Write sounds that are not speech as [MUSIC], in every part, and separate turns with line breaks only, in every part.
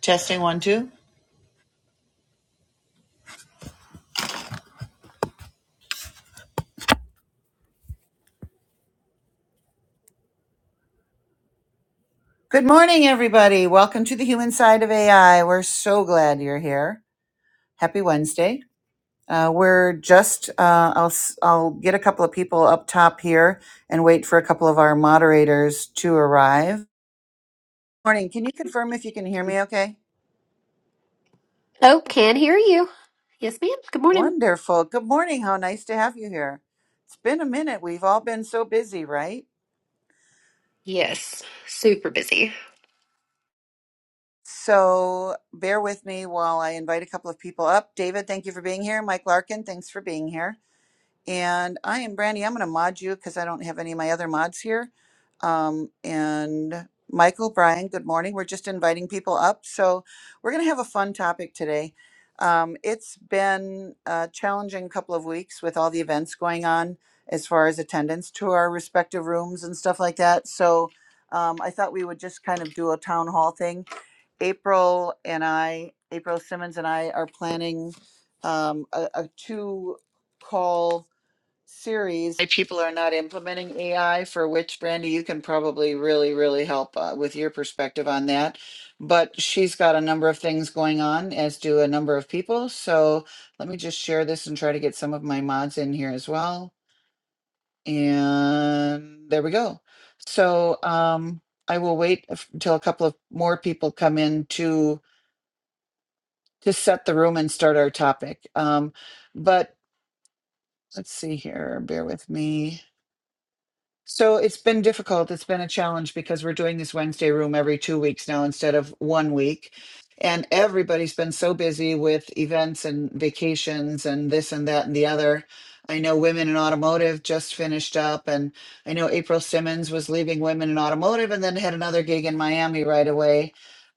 Testing one, two. Good morning, everybody. Welcome to the human side of AI. We're so glad you're here. Happy Wednesday. Uh, we're just, uh, I'll, s- I'll get a couple of people up top here and wait for a couple of our moderators to arrive. Morning. Can you confirm if you can hear me okay?
Oh, can hear you. Yes, ma'am. Good morning.
Wonderful. Good morning. How nice to have you here. It's been a minute. We've all been so busy, right?
Yes, super busy.
So bear with me while I invite a couple of people up. David, thank you for being here. Mike Larkin, thanks for being here. And I am Brandy. I'm going to mod you because I don't have any of my other mods here. Um, and Michael, Brian, good morning. We're just inviting people up. So we're going to have a fun topic today. Um, it's been a challenging couple of weeks with all the events going on as far as attendance to our respective rooms and stuff like that. So um, I thought we would just kind of do a town hall thing. April and I, April Simmons and I, are planning um, a, a two call series, why people are not implementing AI, for which Brandy, you can probably really, really help uh, with your perspective on that. But she's got a number of things going on, as do a number of people. So let me just share this and try to get some of my mods in here as well. And there we go. So um, I will wait f- until a couple of more people come in to to set the room and start our topic. Um, but let's see here. Bear with me. So it's been difficult. It's been a challenge because we're doing this Wednesday room every two weeks now instead of one week. And everybody's been so busy with events and vacations and this and that and the other. I know Women in Automotive just finished up, and I know April Simmons was leaving Women in Automotive and then had another gig in Miami right away.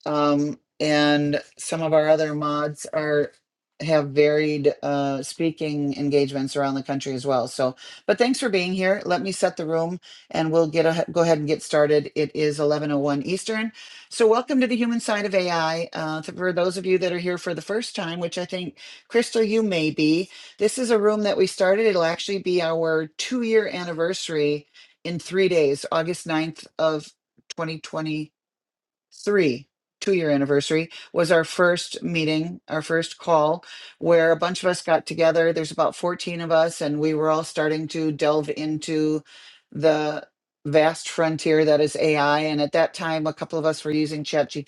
Um, and some of our other mods are have varied uh, speaking engagements around the country as well. So, but thanks for being here. Let me set the room and we'll get a, go ahead and get started. It is 11:01 Eastern. So welcome to the human side of AI. Uh, for those of you that are here for the first time, which I think Crystal, you may be, this is a room that we started. It'll actually be our two-year anniversary in three days, August ninth of twenty twenty three two year anniversary was our first meeting our first call where a bunch of us got together there's about 14 of us and we were all starting to delve into the vast frontier that is ai and at that time a couple of us were using ChatGPT,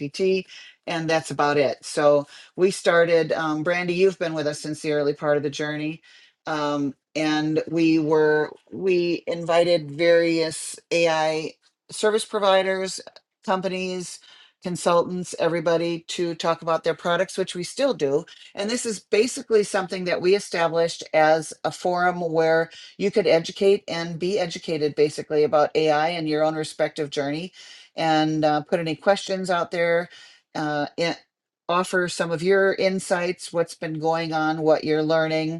and that's about it so we started um, brandy you've been with us since the early part of the journey um, and we were we invited various ai service providers companies consultants, everybody to talk about their products, which we still do. And this is basically something that we established as a forum where you could educate and be educated basically about AI and your own respective journey and uh, put any questions out there. Uh, and offer some of your insights, what's been going on, what you're learning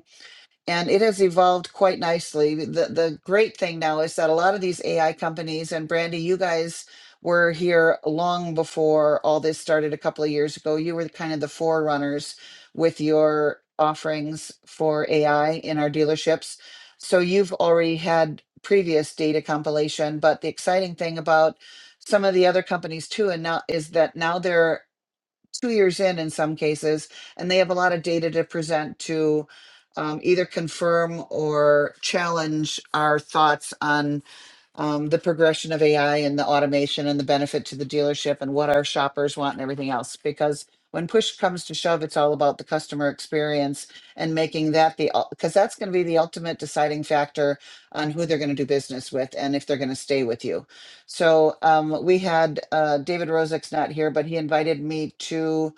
and it has evolved quite nicely. The the great thing now is that a lot of these AI companies and Brandy, you guys were here long before all this started a couple of years ago. You were kind of the forerunners with your offerings for AI in our dealerships. So you've already had previous data compilation, but the exciting thing about some of the other companies too and now is that now they're two years in in some cases, and they have a lot of data to present to um, either confirm or challenge our thoughts on um, the progression of AI and the automation and the benefit to the dealership and what our shoppers want and everything else. Because when push comes to shove, it's all about the customer experience and making that the, because that's going to be the ultimate deciding factor on who they're going to do business with and if they're going to stay with you. So um, we had uh, David Rozek's not here, but he invited me to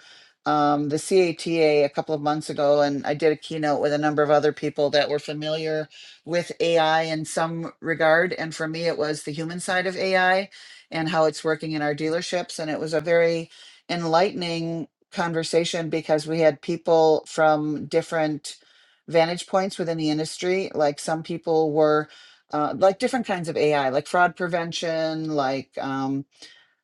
um, the CATA a T A a couple of months ago, and I did a keynote with a number of other people that were familiar with AI in some regard. And for me, it was the human side of AI and how it's working in our dealerships. And it was a very enlightening conversation because we had people from different vantage points within the industry. Like some people were uh, like different kinds of AI, like fraud prevention, like um,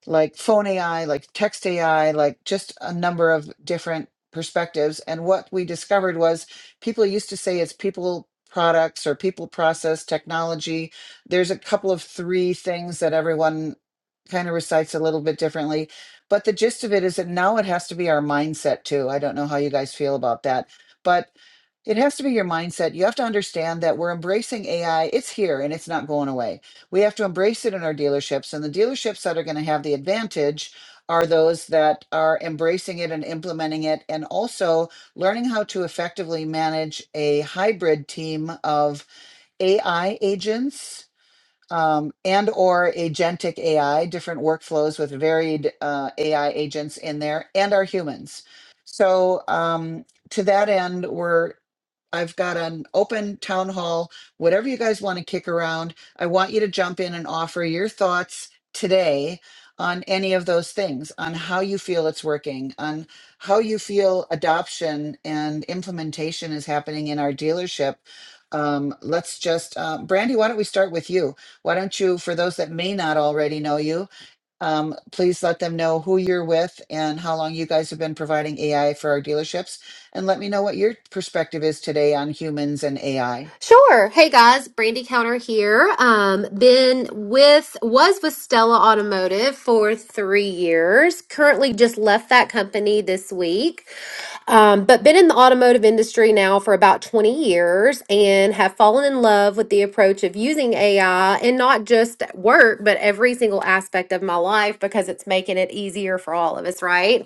like phone AI, like text AI, like just a number of different perspectives. And what we discovered was people used to say it's people products or people process technology. There's a couple of three things that everyone kind of recites a little bit differently. But the gist of it is that now it has to be our mindset too. I don't know how you guys feel about that. But it has to be your mindset. You have to understand that we're embracing AI. It's here and it's not going away we have to embrace it in our dealerships and the dealerships that are going to have the advantage are those that are embracing it and implementing it and also learning how to effectively manage a hybrid team of AI agents um, and or agentic AI, different workflows with varied uh, AI agents in there, and our humans. So um, to that end, we're I've got an open town hall. Whatever you guys want to kick around, I want you to jump in and offer your thoughts today on any of those things, on how you feel it's working, on how you feel adoption and implementation is happening in our dealership. Um, let's just, uh, Brandy, why don't we start with you? Why don't you, for those that may not already know you, um, please let them know who you're with and how long you guys have been providing AI for our dealerships. And let me know what your perspective is today on humans and AI.
Sure. Hey guys, Brandy Counter here. Um, been with was with Stella Automotive for three years. Currently, just left that company this week. Um, but been in the automotive industry now for about twenty years, and have fallen in love with the approach of using AI and not just at work, but every single aspect of my life because it's making it easier for all of us, right?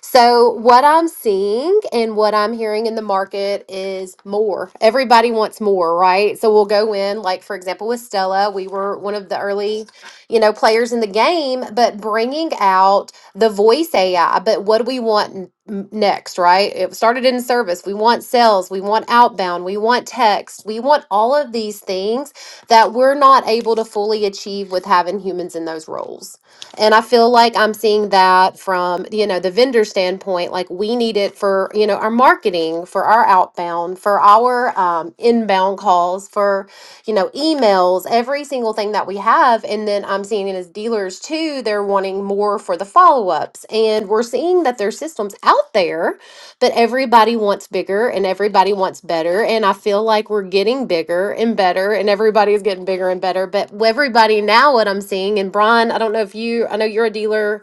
So, what I'm seeing and what I'm hearing in the market is more. Everybody wants more, right? So, we'll go in, like, for example, with Stella, we were one of the early, you know, players in the game, but bringing out the voice AI. But what do we want n- m- next, right? It started in service. We want sales, we want outbound, we want text, we want all of these things that we're not able to fully achieve with having humans in those roles. And I feel like I'm seeing that from, you know, the vendor standpoint. Like we need it for, you know, our marketing, for our outbound, for our um, inbound calls, for, you know, emails, every single thing that we have. And then I'm seeing it as dealers too, they're wanting more for the follow ups. And we're seeing that there's systems out there but everybody wants bigger and everybody wants better and i feel like we're getting bigger and better and everybody's getting bigger and better but everybody now what i'm seeing and brian i don't know if you i know you're a dealer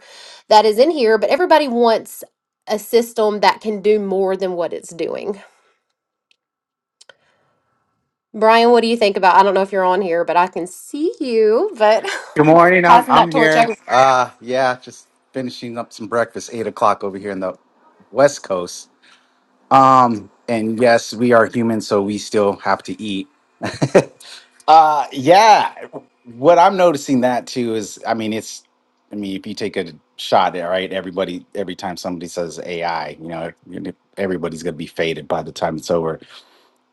that is in here but everybody wants a system that can do more than what it's doing brian what do you think about i don't know if you're on here but i can see you but
Good morning.
[LAUGHS]
I'm
passing that
I'm
torch
here.
over
Uh, yeah, just finishing up some breakfast. Eight o'clock over here in the West Coast. Um, and yes, we are human, so we still have to eat. [LAUGHS] uh, yeah. What I'm noticing that too is, I mean, it's, I mean, if you take a shot all right. everybody every time somebody says AI, you know, everybody's gonna be faded by the time it's over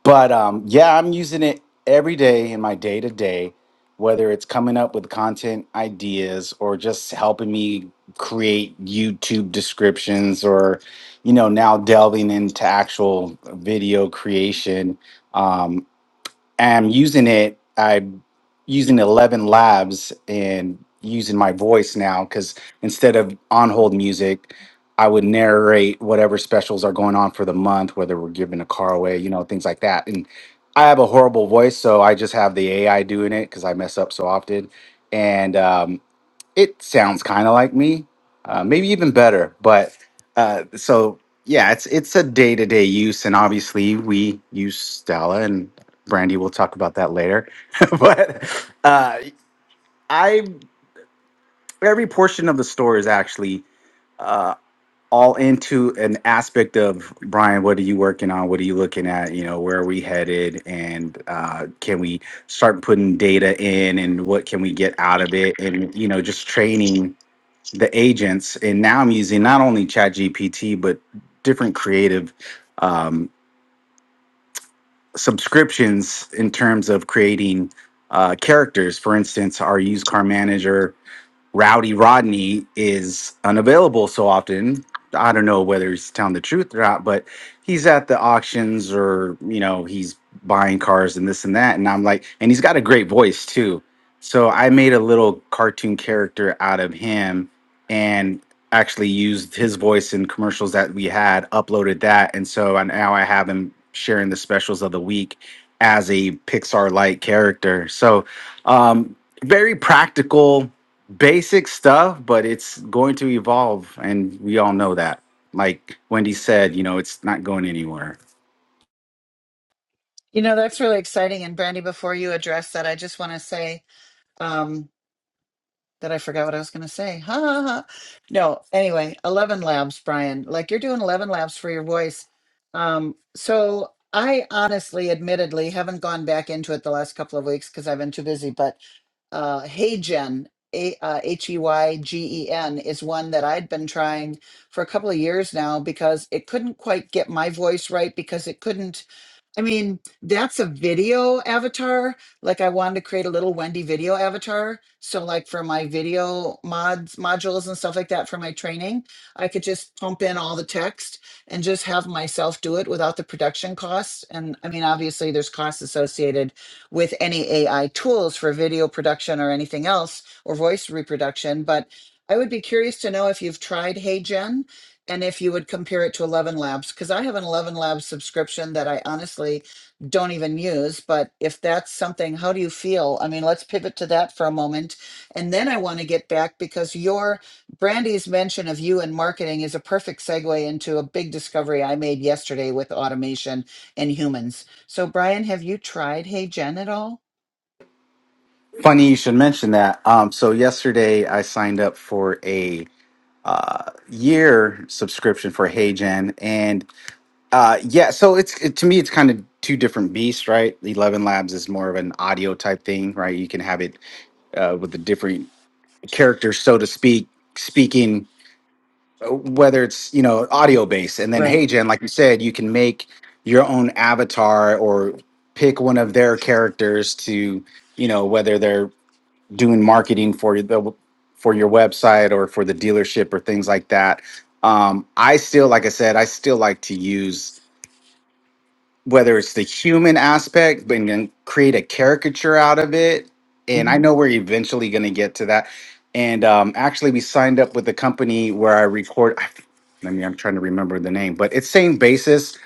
but um, yeah, I'm using it every day in my day to day, whether it's coming up with content ideas or just helping me create YouTube descriptions or, you know, now delving into actual video creation. Um, I'm using it. I using 11 labs and using my voice now because instead of on hold music i would narrate whatever specials are going on for the month whether we're giving a car away you know things like that and i have a horrible voice so i just have the ai doing it because i mess up so often and um, it sounds kind of like me, uh, maybe even better. But uh, so yeah, it's it's a day to day use, and obviously we use Stella and Brandy. We'll talk about that later. [LAUGHS] but uh, I every portion of the store is actually uh, all into an aspect of Brian. What are you working on? What are you looking at? You know, where are we headed? And uh, can we start putting data in? And what can we get out of it? And you know, just training the agents and now i'm using not only ChatGPT but different creative um, subscriptions in terms of creating uh, characters for instance our used car manager Rowdy Rodney is unavailable so often. I don't know whether he's telling the truth or not, but he's at the auctions or, you know, he's buying cars and this and that. And I'm like, and he's got a great voice too. So I made a little cartoon character out of him and actually used his voice in commercials that we had, uploaded that. And so I, now I have him sharing the specials of the week as a Pixar like character. So um, very practical basic stuff, but it's going to evolve, and we all know that. Like Wendy said, you know, it's not going anywhere.
You know, that's really exciting. And Brandy, before you address that, I just want to say um, that I forgot what I was going to say. Ha, ha, ha. No, anyway, 11 labs, Brian. Like you're doing 11 labs for your voice. Um, so I honestly, admittedly, haven't gone back into it the last couple of weeks because I've been too busy, but uh, Heygen, A- uh, H E Y G E N, is one that I'd been trying for a couple of years now because it couldn't quite get my voice right because it couldn't I mean, that's a video avatar. Like I wanted to create a little Wendy video avatar. So like for my video mods modules and stuff like that for my training, I could just pump in all the text and just have myself do it without the production costs. And I mean, obviously there's costs associated with any AI tools for video production or anything else or voice reproduction, but I would be curious to know if you've tried HeyGen and if you would compare it to 11 Labs, because I have an 11 Labs subscription that I honestly don't even use. But if that's something, how do you feel? I mean, let's pivot to that for a moment. And then I want to get back because your Brandy's mention of you and marketing is a perfect segue into a big discovery I made yesterday with automation and humans. So, Brian, have you tried Hey Gen at all?
Funny you should mention that. Um, so yesterday I signed up for a uh, year subscription for HeyGen, and uh, yeah, so it's it, to me it's kind of two different beasts, right? Eleven Labs is more of an audio type thing, right? You can have it uh, with the different characters, so to speak, speaking. whether it's you know audio based and then
Right.
hey jen like you said you can make your own avatar or pick one of their characters to you know whether they're doing marketing for the for your website or for the dealership or things like that um i still like i said i still like to use whether it's the human aspect, but then create a caricature out of it. And I
hmm
know we're eventually going to get to that. And um, actually, we signed up with a company where I record. I I mean, I'm trying to remember the name, but it's same basis.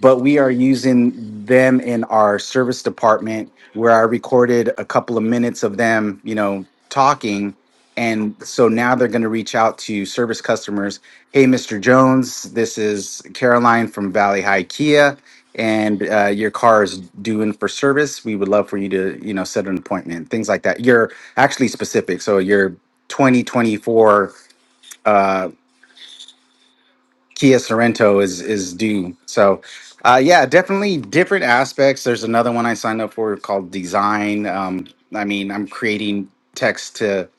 But we are using them in our service department where I recorded a couple of minutes of them, you know, talking. And so now they're going to reach out to service customers. Hey, Mr. Jones, this is Caroline from Valley High Kia and uh, your car is due in for service, we would love for you to, you know, set an appointment, things like that. You're actually specific. So your 2024 uh, Kia Sorento is is due. So uh, yeah, definitely different aspects. There's another one I signed up for called design. Um, I mean, I'm creating text to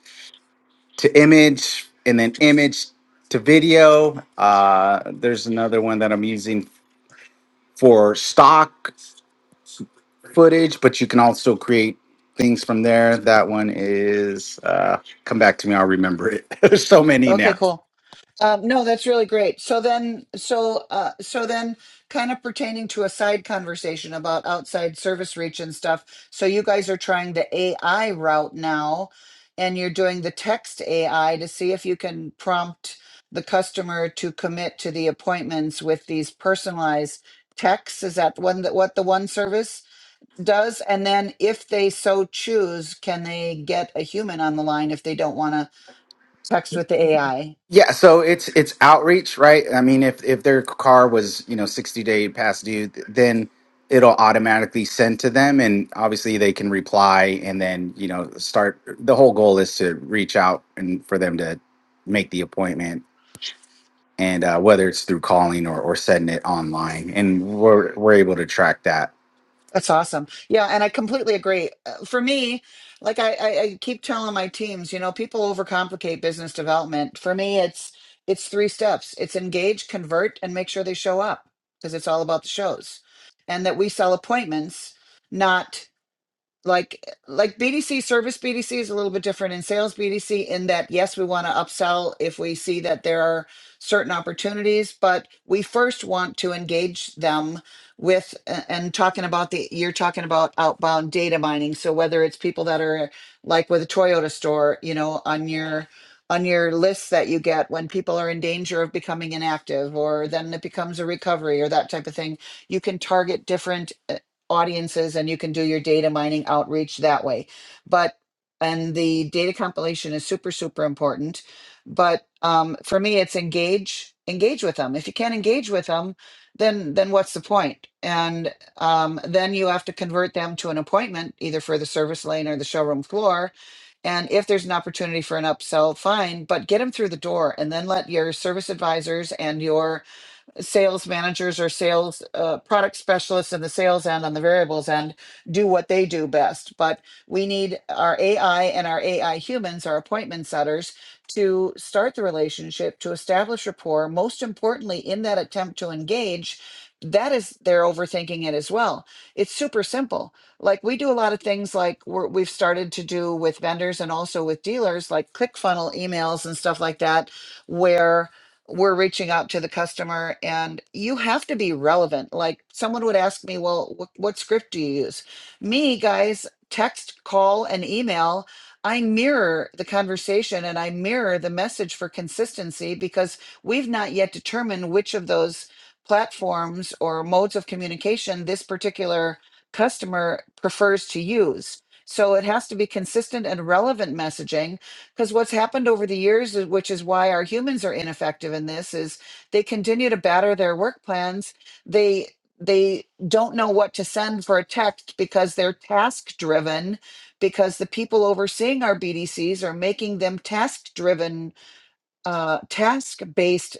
to image and then image to video. Uh, there's another one that I'm using for stock footage, but you can also create things from there. That one is uh, come back to me. I'll remember it. [LAUGHS] There's so many
Okay,
now.
cool. Um, no, that's really great. So then, so uh, so then, kind of pertaining to a side conversation about outside service reach and stuff. So you guys are trying the AI route now, and you're doing the text AI to see if you can prompt the customer to commit to the appointments with these personalized texts. Is that one that what the one service does? And then, if they so choose, can they get a human on the line if they don't want to text with the AI?
Yeah, so it's it's outreach, right? I mean, if if their car was you know 60 day past due, th- then it'll automatically send to them, and obviously they can reply, and then you know start. The whole goal is to reach out and for them to make the appointment, and uh, whether it's through calling or or setting it online, and we're we're able to track that
That's awesome. Yeah, and I completely agree. Uh, For me, like I, I, I keep telling my teams, you know, people overcomplicate business development. For me, it's it's three steps. It's engage, convert, and make sure they show up because it's all about the shows. And that we sell appointments, not like like BDC service BDC is a little bit different in sales BDC in that yes we want to upsell if we see that there are certain opportunities but we first want to engage them with a- and talking about the you're talking about outbound data mining so whether it's people that are like with a Toyota store you know on your on your list that you get when people are in danger of becoming inactive or then it becomes a recovery or that type of thing you can target different uh, audiences and you can do your data mining outreach that way. But and the data compilation is super super important. But um, for me, it's engage engage with them. If you can't engage with them, then then what's the point? And um, then you have to convert them to an appointment either for the service lane or the showroom floor. And if there's an opportunity for an upsell, fine, but get them through the door and then let your service advisors and your sales managers or sales uh, product specialists in the sales end on the variables end do what they do best but we need our ai and our ai humans our appointment setters to start the relationship to establish rapport most importantly in that attempt to engage that is they're overthinking it as well it's super simple like we do a lot of things like we're, we've started to do with vendors and also with dealers like click funnel emails and stuff like that where we're reaching out to the customer and you have to be relevant like someone would ask me well wh- what script do you use me guys text call and email i mirror the conversation and i mirror the message for consistency because we've not yet determined which of those platforms or modes of communication this particular customer prefers to use so it has to be consistent and relevant messaging because what's happened over the years, is- which is why our humans are ineffective in this, is they continue to batter their work plans. They they don't know what to send for a text because they're task driven, because the people overseeing our BDCs are making them task driven, uh, task based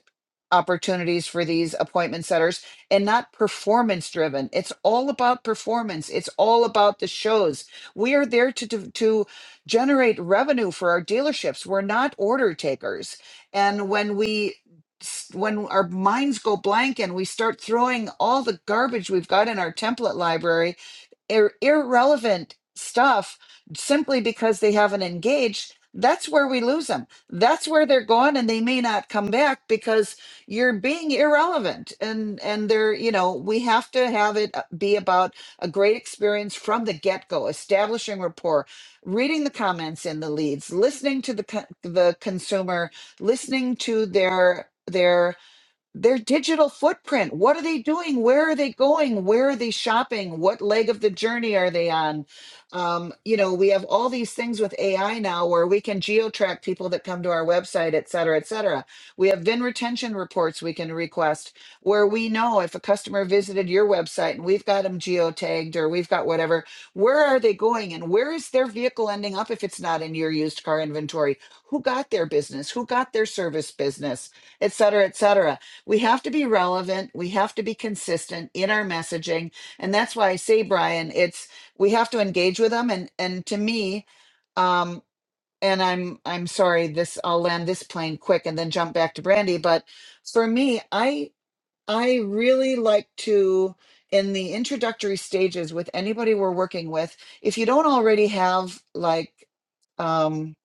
opportunities for these appointment setters and not performance driven. It's all about performance. It's all about the shows. We are there to to, to generate revenue for our dealerships. We're not order takers. And when we s- when our minds go blank and we start throwing all the garbage we've got in our template library ir- irrelevant stuff simply because they haven't engaged, that's where we lose them. That's where they're gone and they may not come back because you're being irrelevant. And and they're, you know, we have to have it uh, be about a great experience from the get-go, establishing rapport, reading the comments in the leads, listening to the co- the consumer, listening to their their their digital footprint. What are they doing? Where are they going? Where are they shopping? What leg of the journey are they on? Um, you know, we have all these things with AI now where we can geo-track people that come to our website, et cetera, et cetera. We have VIN retention reports we can request where we know if a customer visited your website and we've got them geotagged or we've got whatever, where are they going and where is their vehicle ending up if it's not in your used car inventory? Who got their business? Who got their service business? et cetera, et cetera we have to be relevant we have to be consistent in our messaging and that's why i say brian it's we have to engage with them and and to me um and i'm i'm sorry this i'll land this plane quick and then jump back to brandy but for me i i really like to in the introductory stages with anybody we're working with if you don't already have like um,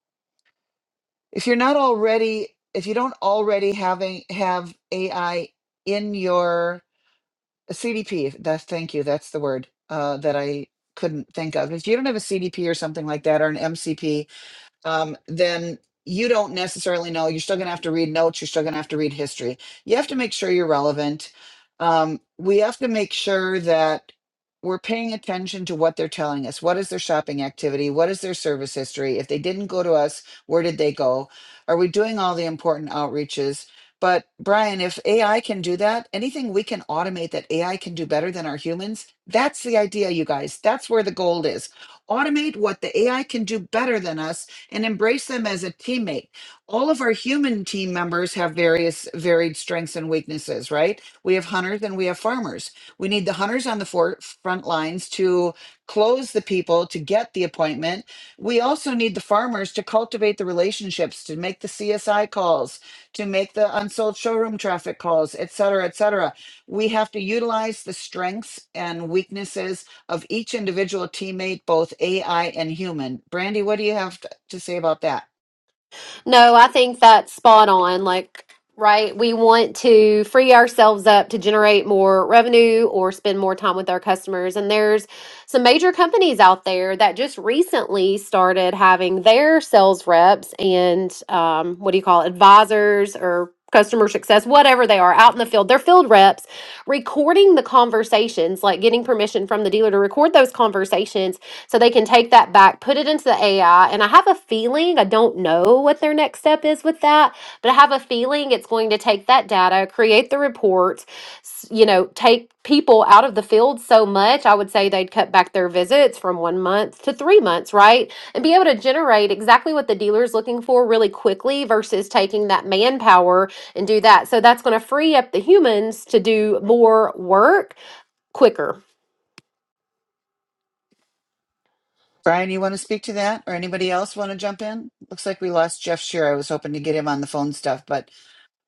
if you're not already if you don't already having have AI in your a CDP, if- that's thank you. That's the word uh, that I couldn't think of. If you don't have a CDP or something like that, or an MCP, um, then you don't necessarily know. You're still going to have to read notes. You're still going to have to read history. You have to make sure you're relevant. Um, we have to make sure that we're paying attention to what they're telling us. What is their shopping activity? What is their service history? If they didn't go to us, where did they go? Are we doing all the important outreaches? But Brian, if AI can do that, anything we can automate that AI can do better than our humans, that's the idea, you guys. That's where the gold is. Automate what the AI can do better than us and embrace them as a teammate. All of our human team members have various varied strengths and weaknesses, right? We have hunters and we have farmers. We need the hunters on the for- front lines to close the people to get the appointment. We also need the farmers to cultivate the relationships, to make the CSI calls, to make the unsold showroom traffic calls, et cetera, et cetera. We have to utilize the strengths and weaknesses of each individual teammate, both AI and human. Brandy, what do you have to say about that.
No, I think that's spot on. Like, right, we want to free ourselves up to generate more revenue or spend more time with our customers. And there's some major companies out there that just recently started having their sales reps and um, what do you call it, advisors or customer success, whatever they are out in the field, their field reps recording the conversations, like getting permission from the dealer to record those conversations so they can take that back, put it into the AI. And I have a feeling, I don't know what their next step is with that, but I have a feeling it's going to take that data, create the reports, s- you know, take people out of the field so much. I would say they'd cut back their visits from one month to three months, right? And be able to generate exactly what the dealer is looking for really quickly versus taking that manpower and do that. So that's going to free up the humans to do more work quicker
Brian, you want to speak to that or anybody else want to jump in? Looks like we lost Jeff Shear. I was hoping to get him on the phone stuff, but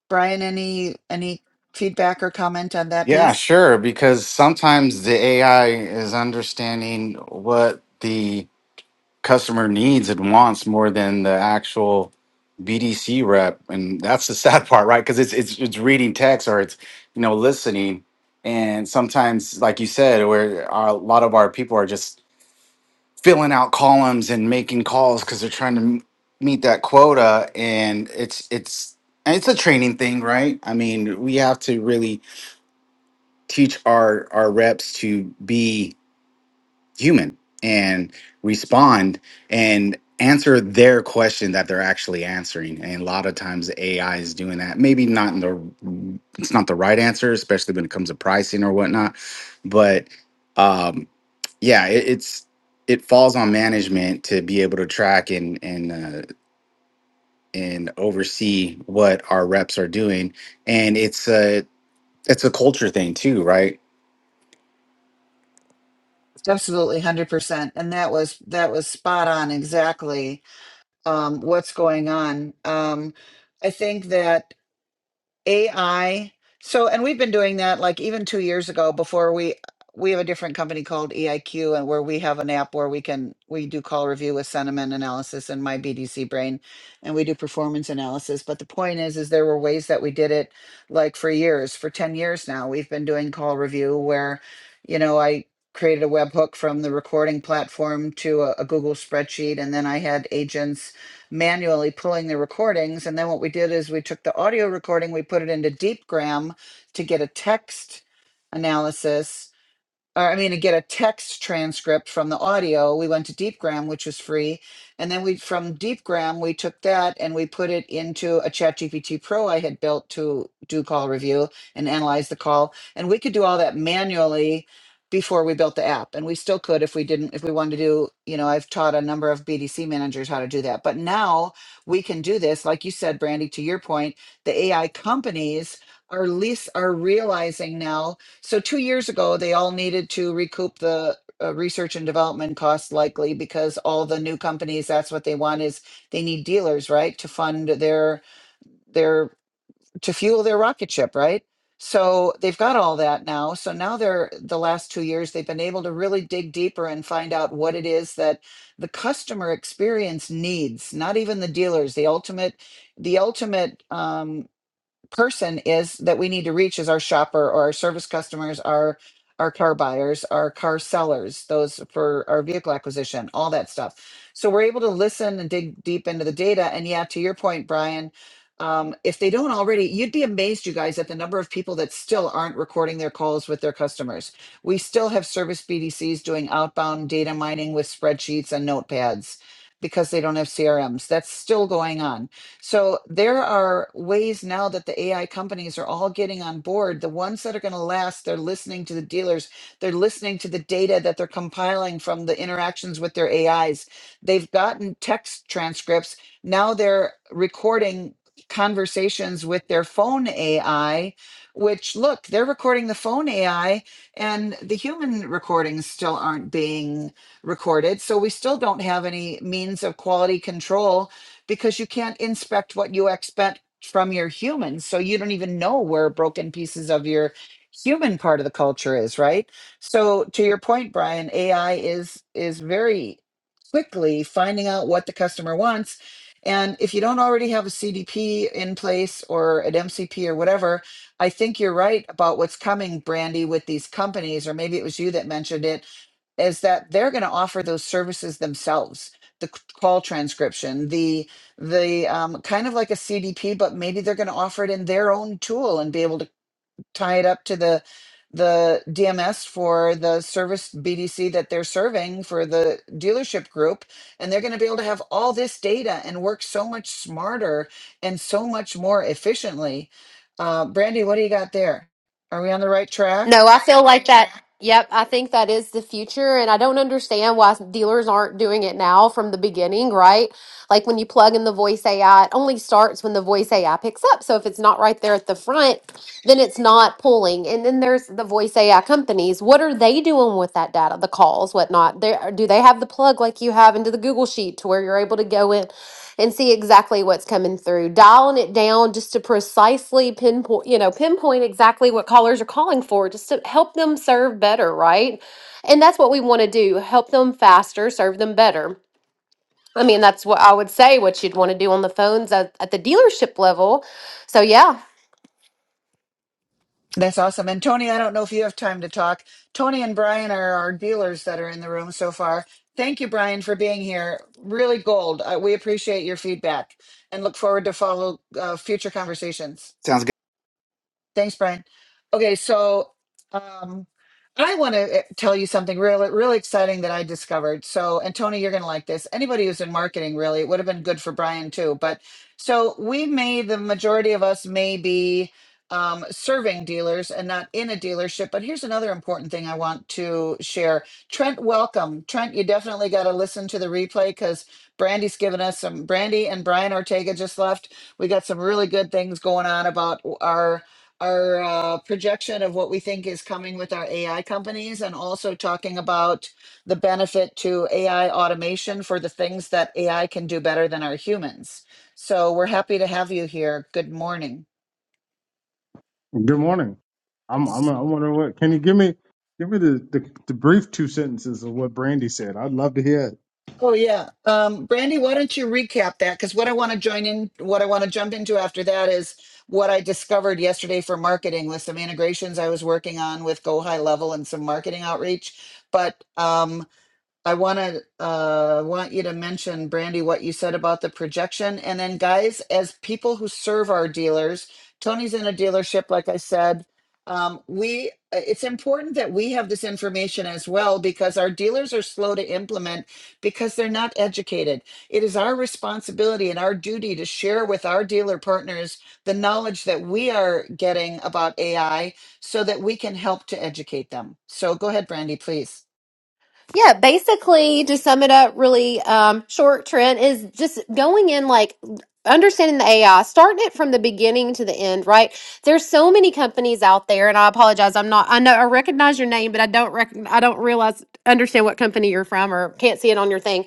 Brian, any any feedback or comment on that
Yeah,
piece?
sure. Because sometimes the AI is understanding what the customer needs and wants more than the actual BDC rep, and that's the [LAUGHS] sad part, right? Because it's it's it's reading text or it's you know listening, and sometimes, like you said, where our, a lot of our people are just filling out columns and making calls because they're trying to m- meet that quota, and it's it's and it's a training thing, right? I mean, we have to really teach our our reps to be human and respond and answer their question that they're actually answering and a lot of times ai is doing that maybe not in the it's not the right answer especially when it comes to pricing or whatnot but um yeah it, it's it falls on management to be able to track and and uh, and oversee what our reps are doing and it's a it's a culture thing too right
Absolutely, hundred percent, and that was that was spot on exactly um, what's going on. Um, I think that AI. So, and we've been doing that like even two years ago before we we have a different company called EIQ and where we have an app where we can we do call review with sentiment analysis and my BDC brain and we do performance analysis. But the point is is there were ways that we did it like for years, for 10 years now. We've been doing call review where, you know, I created a webhook from the recording platform to a, a Google spreadsheet and then I had agents manually pulling the recordings. And then what we did is we took the audio recording, we put it into DeepGram to get a text analysis or I mean, to get a text transcript from the audio, we went to DeepGram, which was free, and then we from DeepGram we took that and we put it into a ChatGPT Pro I had built to do call review and analyze the call, and we could do all that manually before we built the app, and we still could if we didn't if we wanted to do you know I've taught a number of BDC managers how to do that, but now we can do this like you said, Brandy. To your point, the AI companies are lease are realizing now so two years ago, they all needed to recoup the uh, research and development costs likely because all the new companies, that's what they want is they need dealers, right? To fund their, their, to fuel their rocket ship, right? So they've got all that now. So now they're, the last two years, they've been able to really dig deeper and find out what it is that the customer experience needs, not even the dealers, the ultimate, the ultimate, um, person is that we need to reach is our shopper or our service customers, our our car buyers, our car sellers, those for our vehicle acquisition, all that stuff. So we're able to listen and dig deep into the data. And yeah, to your point, Brian, um, if they don't already, you'd be amazed, you guys, at the number of people that still aren't recording their calls with their customers. We still have service BDCs doing outbound data mining with spreadsheets and notepads because they don't have CRMs. That's still going on so there are ways now that the AI companies are all getting on board. The ones that are going to last, they're listening to the dealers, they're listening to the data that they're compiling from the interactions with their AIs. They've gotten text transcripts. Now they're recording conversations with their phone AI, which look, they're recording the phone AI and the human recordings still aren't being recorded. So we still don't have any means of quality control because you can't inspect what you expect from your humans, So you don't even know where broken pieces of your human part of the culture is, right? So to your point, Brian, AI is is very quickly finding out what the customer wants. And if you don't already have a CDP in place or an MCP or whatever, I think you're right about what's coming, Brandy, with these companies, or maybe it was you that mentioned it is that they're going to offer those services themselves the c- call transcription the the um, kind of like a cdp but maybe they're going to offer it in their own tool and be able to tie it up to the the dms for the service bdc that they're serving for the dealership group and they're going to be able to have all this data and work so much smarter and so much more efficiently uh, brandy what do you got there are we on the right track
No, I feel like that. Yep, I think that is the future, and I don't understand why dealers aren't doing it now from the beginning, right? Like when you plug in the voice AI, it only starts when the voice AI picks up. So if it's not right there at the front, then it's not pulling. And then there's the voice AI companies. What are they doing with that data, the calls, whatnot? They, do they have the plug like you have into the Google Sheet to where you're able to go in? and see exactly what's coming through. Dialing it down just to precisely pinpoint, you know, pinpoint exactly what callers are calling for just to help them serve better, right? And that's what we want to do help them faster, serve them better. I mean, that's what I would say what you'd want to do on the phones at, at the dealership level. So, yeah,
That's awesome. And Tony, I don't know if you have time to talk. Tony and Brian are our dealers that are in the room so far. Thank you, Brian, for being here. Really gold. Uh, we appreciate your feedback and look forward to follow uh, future conversations.
Sounds
Thanks, Brian. Okay, so um, I want to eh, tell you something really, really exciting that I discovered. So, and Tony, you're going to like this. Anybody who's in marketing, really, it would have been good for Brian too. But so we may, the majority of us may be um, serving dealers and not in a dealership. But here's another important thing I want to share. Trent, welcome. Trent, you definitely got to listen to the replay because Brandy's given us some, Brandy and Brian Ortega just left. We got some really good things going on about our our uh, projection of what we think is coming with our AI companies and also talking about the benefit to AI automation for the things that AI can do better than our humans. So we're happy to have you here. Good morning.
Good morning. I'm I'm I'm wondering what can you give me give me the, the, the brief two sentences of what Brandy said. I'd love to hear it.
Oh yeah. Um, Brandy, why don't you recap that? Because what I want to join in, what I want to jump into after that is what I discovered yesterday for marketing with some integrations I was working on with Go High Level and some marketing outreach. But um, I want to uh, want you to mention, Brandy, what you said about the projection. And then, guys, as people who serve our dealers, Tony's in a dealership, like I said. Um, we uh, it's important that we have this information as well because our dealers are slow to implement because they're not educated. It is our responsibility and our duty to share with our dealer partners the knowledge that we are getting about AI so that we can help to educate them. So go ahead, Brandy, please.
Yeah, basically, to sum it up really um, short, Trent, is just going in like understanding the AI, starting it from the beginning to the end, right? There's so many companies out there, and I apologize, I'm not, I know, I recognize your name, but I don't, rec- I don't realize, understand what company you're from or can't see it on your thing.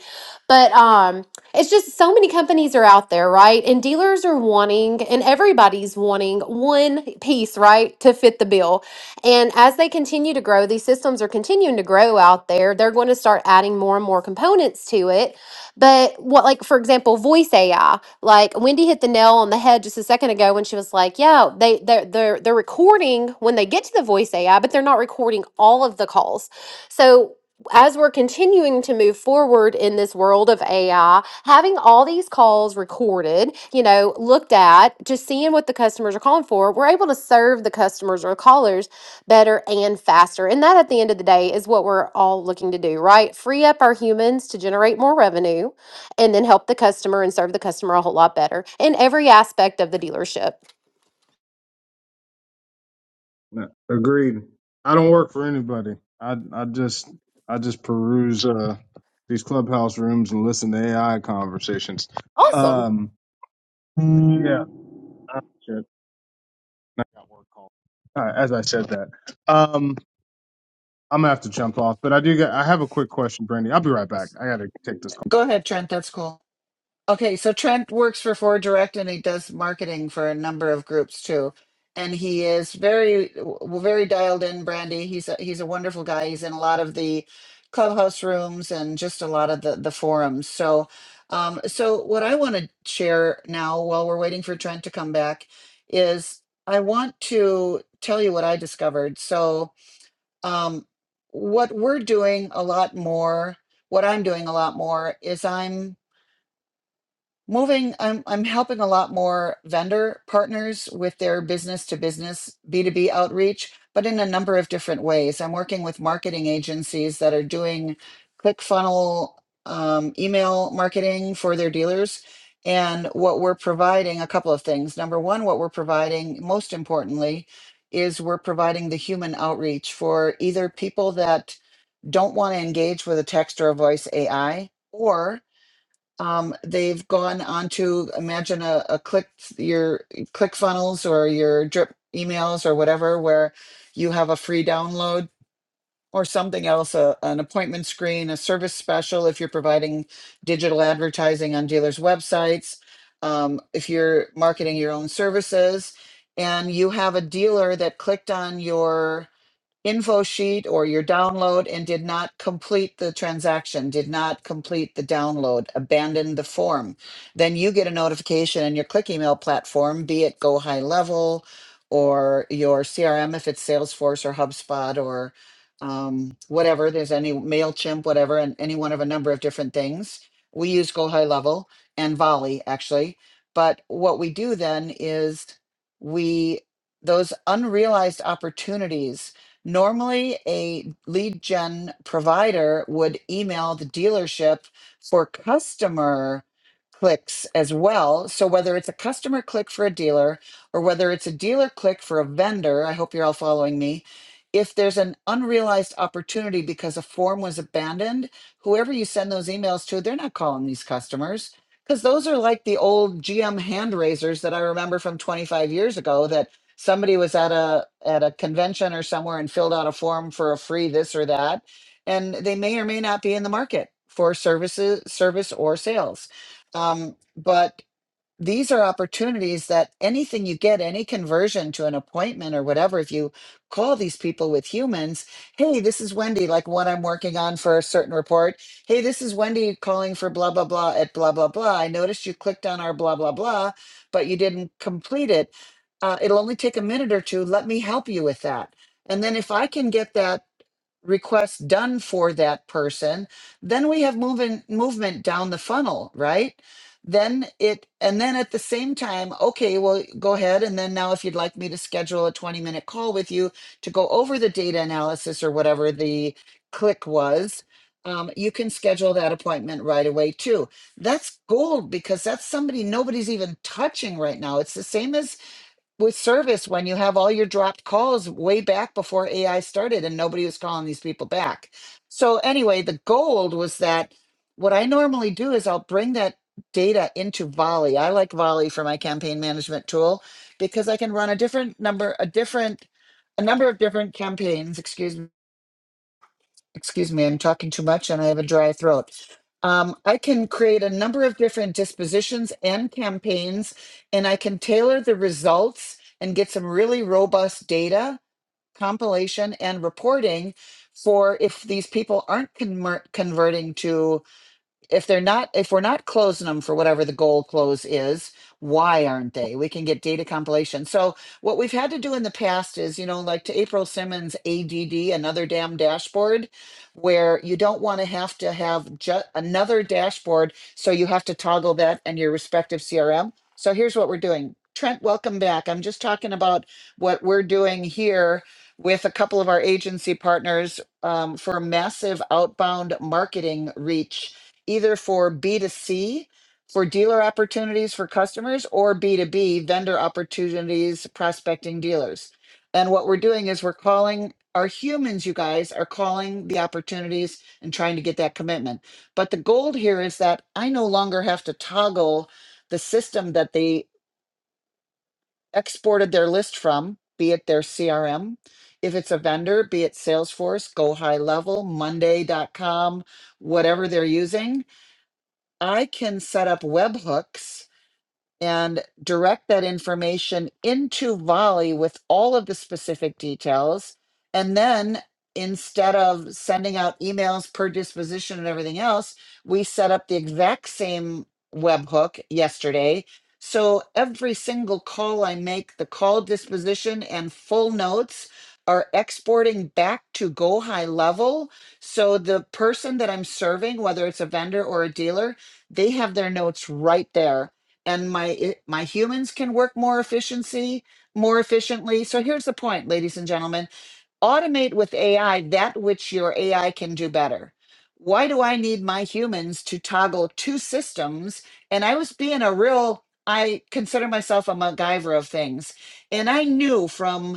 But, um, it's just so many companies are out there, right? And dealers are wanting, and everybody's wanting one piece, right, to fit the bill. And as they continue to grow, these systems are continuing to grow out there. They're going to start adding more and more components to it. But what, like, for example, voice AI, like Wendy hit the nail on the head just a second ago when she was like, yeah, they, they're, they're, they're recording when they get to the voice AI, but they're not recording all of the calls. So as we're continuing to move forward in this world of AI, having all these calls recorded, you know, looked at, just seeing what the customers are calling for, we're able to serve the customers or callers better and faster. And that at the end of the day is what we're all looking to do, right? Free up our humans to generate more revenue and then help the customer and serve the customer a whole lot better in every aspect of the dealership.
No, agreed. I don't work for anybody. I I just I just peruse uh these clubhouse rooms and listen to AI conversations.
Awesome.
Um yeah. Uh, shit. I got work call. Uh, as I said that. Um I'm gonna have to jump off, but I do get I have a quick question, Brandy. I'll be right back. I gotta take this call.
Go ahead, Trent. That's cool. Okay, so Trent works for Ford Direct and he does marketing for a number of groups too. And he is very w- very dialed in, Brandy. He's a, he's a wonderful guy. He's in a lot of the clubhouse rooms and just a lot of the the forums. So um so what I want to share now while we're waiting for Trent to come back is I want to tell you what I discovered. So um what we're doing a lot more, what I'm doing a lot more is I'm moving i'm i'm helping a lot more vendor partners with their business to business b2b outreach but in a number of different ways i'm working with marketing agencies that are doing click funnel um, email marketing for their dealers and what we're providing a couple of things number one what we're providing most importantly is we're providing the human outreach for either people that don't want to engage with a text or a voice ai or um, they've gone on to imagine a, a click your click funnels or your drip emails or whatever where you have a free download or something else a, an appointment screen a service special if you're providing digital advertising on dealers websites um, if you're marketing your own services and you have a dealer that clicked on your info sheet or your download and did not complete the transaction, did not complete the download, abandoned the form, then you get a notification in your click email platform, be it Go High Level or your CRM if it's Salesforce or HubSpot or um, whatever. There's any MailChimp, whatever, and any one of a number of different things. We use Go High Level and Volley actually. But what we do then is we, those unrealized opportunities Normally, a lead gen provider would email the dealership for customer clicks as well. So, whether it's a customer click for a dealer or whether it's a dealer click for a vendor, I hope you're all following me. If there's an unrealized opportunity because a form was abandoned, whoever you send those emails to, they're not calling these customers because those are like the old GM hand raisers that I remember from 25 years ago that somebody was at a at a convention or somewhere and filled out a form for a free this or that and they may or may not be in the market for services service or sales um, but these are opportunities that anything you get, any conversion to an appointment or whatever, if you call these people with humans, hey, this is Wendy, like what I'm working on for a certain report. Hey, this is Wendy calling for blah, blah, blah at blah, blah, blah. I noticed you clicked on our blah, blah, blah, but you didn't complete it. Uh, it'll only take a minute or two. Let me help you with that. And then if I can get that requests done for that person then we have moving movement down the funnel right then it and then at the same time okay well go ahead and then now if you'd like me to schedule a 20 minute call with you to go over the data analysis or whatever the click was um, you can schedule that appointment right away too that's gold because that's somebody nobody's even touching right now it's the same as with service when you have all your dropped calls way back before AI started and nobody was calling these people back. So, anyway, the gold was that what I normally do is I'll bring that data into Volley. I like Volley for my campaign management tool because I can run a different number, a different, a number of different campaigns, excuse me excuse me, I'm talking too much and I have a dry throat. Um, I can create a number of different dispositions and campaigns, and I can tailor the results and get some really robust data compilation and reporting for if these people aren't conver- converting to if they're not if we're not closing them for whatever the goal close is why aren't they we can get data compilation so what we've had to do in the past is you know like to april simmons add another damn dashboard where you don't want to have to have just another dashboard so you have to toggle that and your respective crm so here's what we're doing trent welcome back i'm just talking about what we're doing here with a couple of our agency partners um, for massive outbound marketing reach either for B2C, for dealer opportunities for customers, or B2B, vendor opportunities, prospecting dealers. And what we're doing is we're calling our humans, you guys are calling the opportunities and trying to get that commitment. But the goal here is that I no longer have to toggle the system that they exported their list from, be it their CRM. If it's a vendor, be it Salesforce, Go High Level, Monday.com, whatever they're using, I can set up webhooks and direct that information into Volley with all of the specific details. And then instead of sending out emails per disposition and everything else, we set up the exact same webhook yesterday. So every single call I make, the call disposition and full notes are exporting back to go high level. So the person that I'm serving, whether it's a vendor or a dealer, they have their notes right there and my i- my humans can work more efficiency more efficiently so here's the point ladies and gentlemen automate with ai that which your ai can do better why do i need my humans to toggle two systems and i was being a real i consider myself a MacGyver of things and i knew from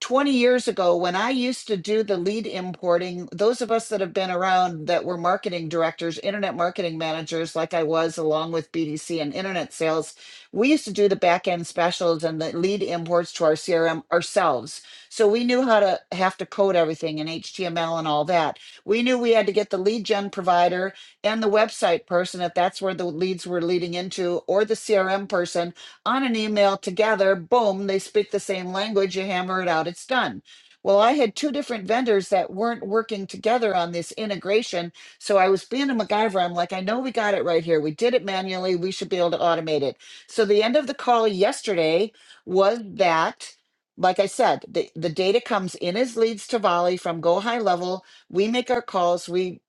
20 years ago when I used to do the lead importing, those of us that have been around that were marketing directors, internet marketing managers, like I was along with BDC and internet sales, we used to do the back end specials and the lead imports to our CRM ourselves. So we knew how to have to code everything in HTML and all that. We knew we had to get the lead gen provider and the website person, if that's where the leads were leading into, or the CRM person on an email together, boom, they speak the same language, you hammer it out, it's done. Well, I had two different vendors that weren't working together on this integration. So I was being a MacGyver. I'm like, I know we got it right here. We did it manually. We should be able to automate it. So the end of the call yesterday was that, like I said, the, the data comes in as leads to Volley from Go High Level. We make our calls. We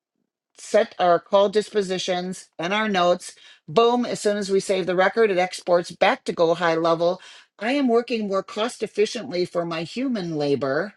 set our call dispositions and our notes. Boom, as soon as we save the record, it exports back to Go High Level. I am working more cost efficiently for my human labor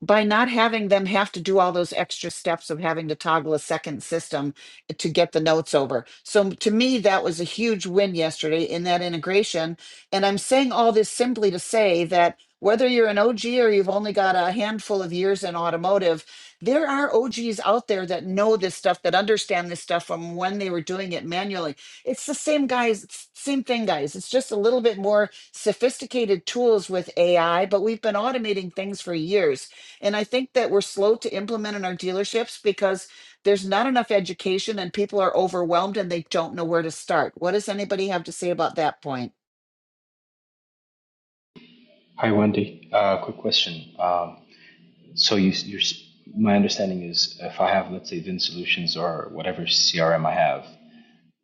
by not having them have to do all those extra steps of having to toggle a second system to get the notes over. So to me, that was a huge win yesterday in that integration. And I'm saying all this simply to say that whether you're an OG or you've only got a handful of years in automotive, there are OGs out there that know this stuff, that understand this stuff from when they were doing it manually. It's the same guys, it's same thing, guys. It's just a little bit more sophisticated tools with AI, but we've been automating things for years and I think that we're slow to implement in our dealerships because there's not enough education and people are overwhelmed and they don't know where to start. What does anybody have to say about that point?
Hi, Wendy. Uh, Quick question. Um, So you, you're, s- my understanding is if I have, let's say, Vin Solutions or whatever CRM I have,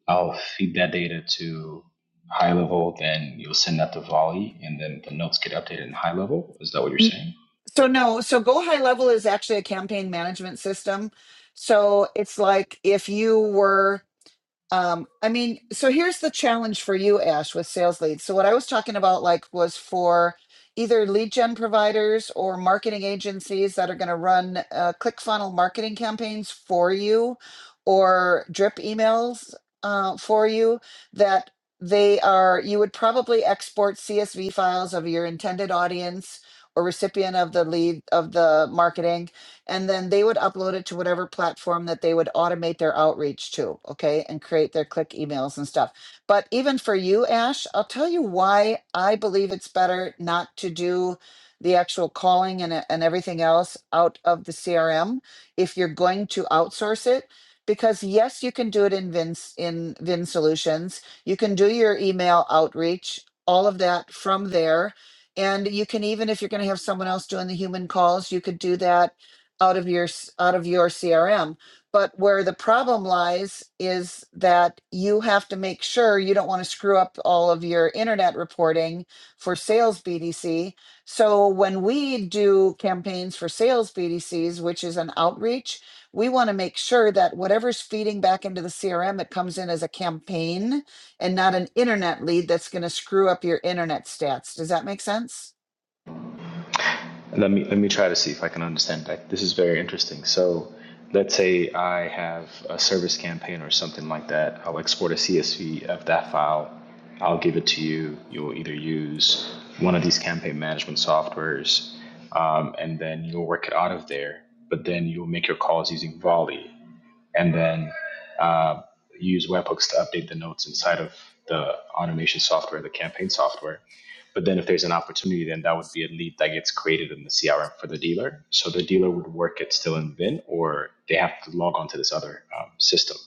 I'll feed that data to high level, then you'll send that to Volley, and then the notes get updated in high level. Is that what you're
N-
saying?
So, no, so Go High Level is actually a campaign management system. So it's like if you were Um, I mean, so here's the challenge for you, Ash, with sales leads. So what I was talking about, like, was for either lead gen providers or marketing agencies that are going to run uh, ClickFunnel marketing campaigns for you, or drip emails uh, for you. That they are, you would probably export CSV files of your intended audience or recipient of the lead of the marketing and then they would upload it to whatever platform that they would automate their outreach to, okay, and create their click emails and stuff. But even for you, Ash, I'll tell you why I believe it's better not to do the actual calling and, and everything else out of the CRM if you're going to outsource it. Because yes, you can do it in Vin in Vin Solutions. You can do your email outreach, all of that from there. And you can even, if you're going to have someone else doing the human calls, you could do that out of your s- out of your CRM. But where the problem lies is that you have to make sure you don't want to screw up all of your internet reporting for sales BDC. So when we do campaigns for sales BDCs, which is an outreach, we want to make sure that whatever's feeding back into the CRM, it comes in as a campaign and not an internet lead that's going to screw up your internet stats. Does that make sense?
let me let me try to see if I can understand that. This is very interesting. So, let's say I have a service campaign or something like that. I'll export a CSV of that file. I'll give it to you. You'll either use one of these campaign management softwares, um, and then you'll work it out of there. But then you'll make your calls using Volley and then uh, use webhooks to update the notes inside of the automation software, the campaign software. But then if there's an opportunity, then that would be a lead that gets created in the CRM for the dealer. So the dealer would work it still in VIN, or they have to log on to this other um, system.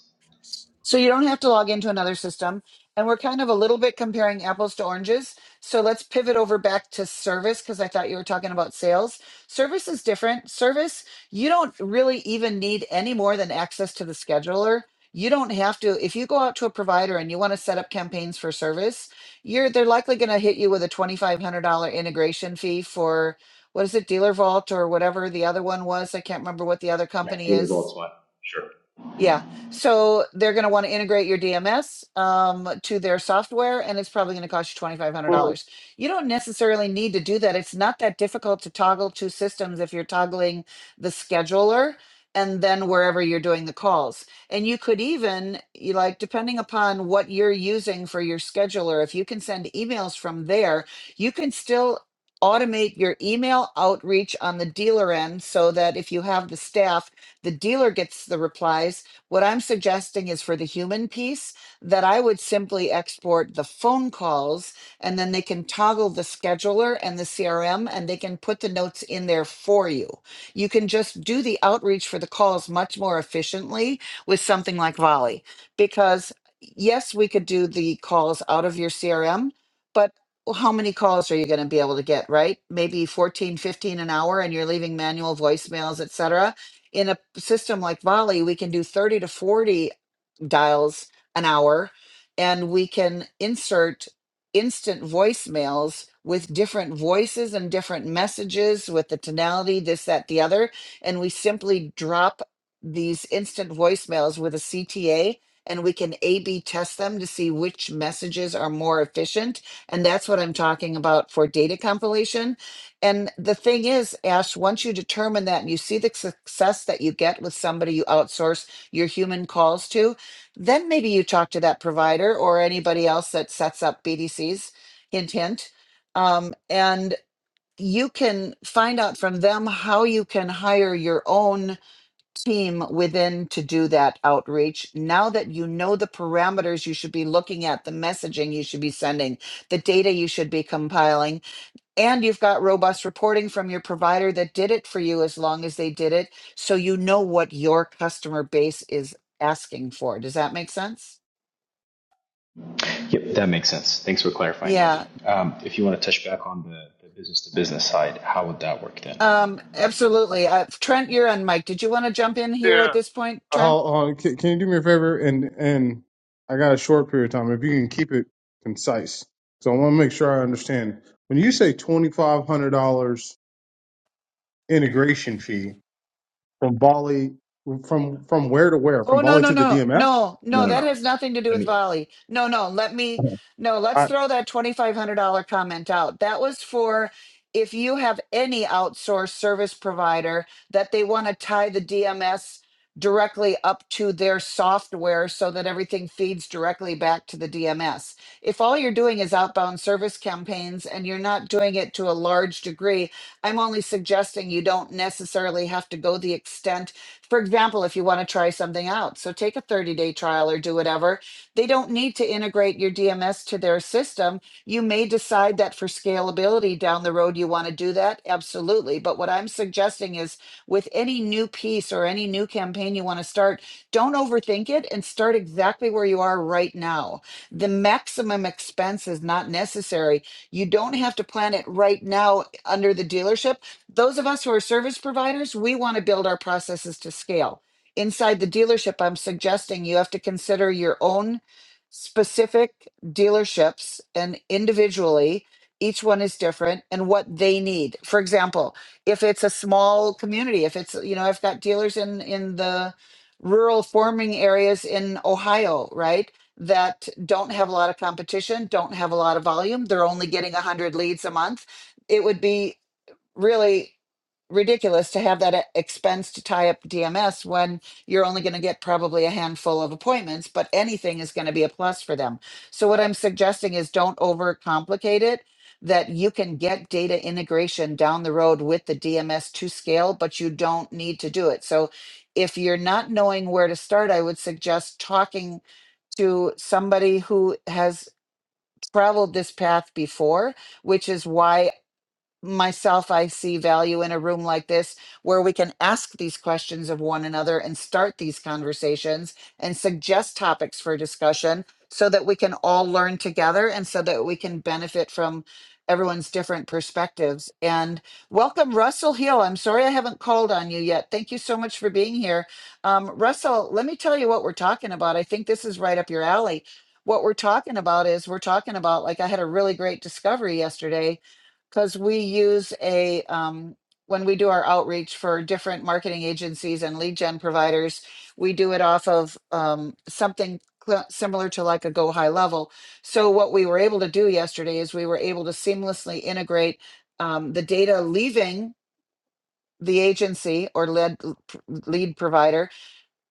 So you don't have to log into another system. And we're kind of a little bit comparing apples to oranges. So let's pivot over back to service because I thought you were talking about sales. Service is different. Service, you don't really even need any more than access to the scheduler. You don't have to if you go out to a provider and you want to set up campaigns for service, you're they're likely going to hit you with a $2500 integration fee for what is it Dealer Vault or whatever the other one was. I can't remember what the other
Yeah,
company
dealer
is
vaults one. Sure.
yeah. So they're going to want to integrate your DMS um, to their software, and it's probably going to cost you
Well,
$2,500. You don't necessarily need to do that. It's not that difficult to toggle two systems if you're toggling the scheduler and then wherever you're doing the calls. And you could even, you like, depending upon what you're using for your scheduler, if you can send emails from there, you can still automate your email outreach on the dealer end so that if you have the staff, the dealer gets the replies what I'm suggesting is for the human piece that I would simply export the phone calls and then they can toggle the scheduler and the CRM and they can put the notes in there for you. You can just do the outreach for the calls much more efficiently with something like Volley because yes, we could do the calls out of your CRM, but how many calls are you going to be able to get, right? Maybe 14, 15 an hour and you're leaving manual voicemails, etc in a system like Volley, we can do 30 to 40 dials an hour and we can insert instant voicemails with different voices and different messages with the tonality this that the other and we simply drop these instant voicemails with a CTA and we can A B test them to see which messages are more efficient. And that's what I'm talking about for data compilation. And the thing is, Ash, once you determine that and you see the success that you get with somebody you outsource your human calls to, then maybe you talk to that provider or anybody else that sets up BDCs, hint, hint. Um, and you can find out from them how you can hire your own team within to do that outreach. Now that you know the parameters you should be looking at, the messaging you should be sending, the data you should be compiling, and you've got robust reporting from your provider that did it for you as long as they did it. So you know what your customer base is asking for. Does that make sense?
Yep, that makes sense. Thanks for clarifying, Wendy.
Yeah,
Um, if you want to touch back on the, the business to business side, how would that work then?
um, absolutely. Uh, Trent, you're on mic. Did you want to jump in here
yeah,
at this point, Trent?
Hold on, can, can you do me a favor? And and I got a short period of time. If you can keep it concise, so I want to make sure I understand. When you say twenty five hundred dollars integration fee from Bali, from from where to where?
Oh
From
no
Bali
no
to the
no
DMX?
no
No,
no
no,
that
no.
has nothing to do with
Let
volley. No no let me no let's throw that twenty five hundred dollar comment out. That was for if you have any outsourced service provider that they want to tie the DMS directly up to their software so that everything feeds directly back to the DMS. If all you're doing is outbound service campaigns and you're not doing it to a large degree, I'm only suggesting you don't necessarily have to go the extent for example, if you want to try something out. So take a 30 day trial or do whatever. They don't need to integrate your DMS to their system. You may decide that for scalability down the road, you want to do that. Absolutely. But what I'm suggesting is with any new piece or any new campaign you want to start, don't overthink it and start exactly where you are right now. The maximum expense is not necessary. You don't have to plan it right now under the dealership those of us who are service providers, we want to build our processes to scale. Inside the dealership, I'm suggesting you have to consider your own specific dealerships and individually, each one is different and what they need. For example, if it's a small community, if it's, you know, I've got dealers in in the rural farming areas in Ohio, right? That don't have a lot of competition, don't have a lot of volume. They're only getting 100 leads a month it would be really ridiculous to have that e- expense to tie up DMS when you're only going to get probably a handful of appointments, but anything is going to be a plus for them. So, what I'm suggesting is don't overcomplicate it, that you can get data integration down the road with the DMS to scale, but you don't need to do it. So, if you're not knowing where to start, I would suggest talking to somebody who has traveled this path before, which is why myself, I see value in a room like this where we can ask these questions of one another and start these conversations and suggest topics for discussion so that we can all learn together and so that we can benefit from everyone's different perspectives. And welcome, Russell Hill. I'm sorry I haven't called on you yet. Thank you so much for being here. Um, Russell, let me tell you what we're talking about. I think this is right up your alley. What we're talking about is we're talking about, like, I had a really great discovery yesterday because we use a um, when we do our outreach for different marketing agencies and lead gen providers we do it off of um, something cl- similar to like a go high level so what we were able to do yesterday is we were able to seamlessly integrate um, the data leaving the agency or lead lead provider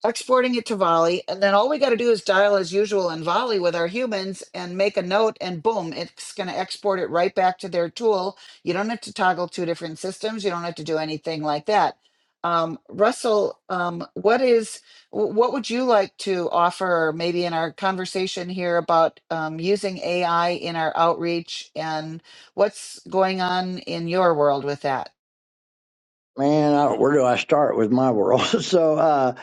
exporting it to Volley, and then all we got to do is dial as usual in Volley with our humans and make a note, and boom, it's going to export it right back to their tool. You don't have to toggle two different systems. You don't have to do anything like that. Um, Russell, um, what is wh- what would you like to offer? Maybe in our conversation here about um, using AI in our outreach, and what's going on in your world with that?
Man, I don't, where do I start with my world? [LAUGHS] So uh,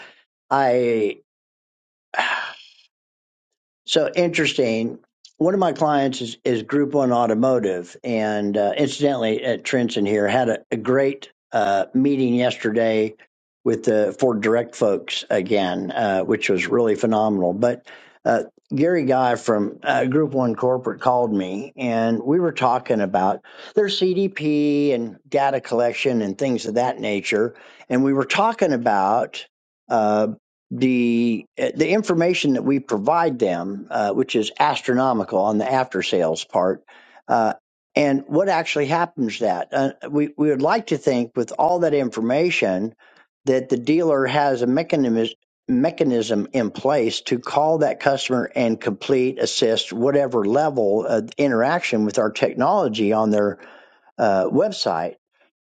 I. So interesting. One of my clients is, is Group One Automotive, and uh, incidentally, at Trenton here had a, a great uh, meeting yesterday with the Ford Direct folks again, uh, which was really phenomenal. But uh, Gary Guy from uh, Group One Corporate called me, and we were talking about their CDP and data collection and things of that nature, and we were talking about. Uh, the uh, the information that we provide them, uh, which is astronomical on the after sales part, uh, and what actually happens that uh, we we would like to think with all that information that the dealer has a mechanism mechanism in place to call that customer and complete assist whatever level of interaction with our technology on their uh, website.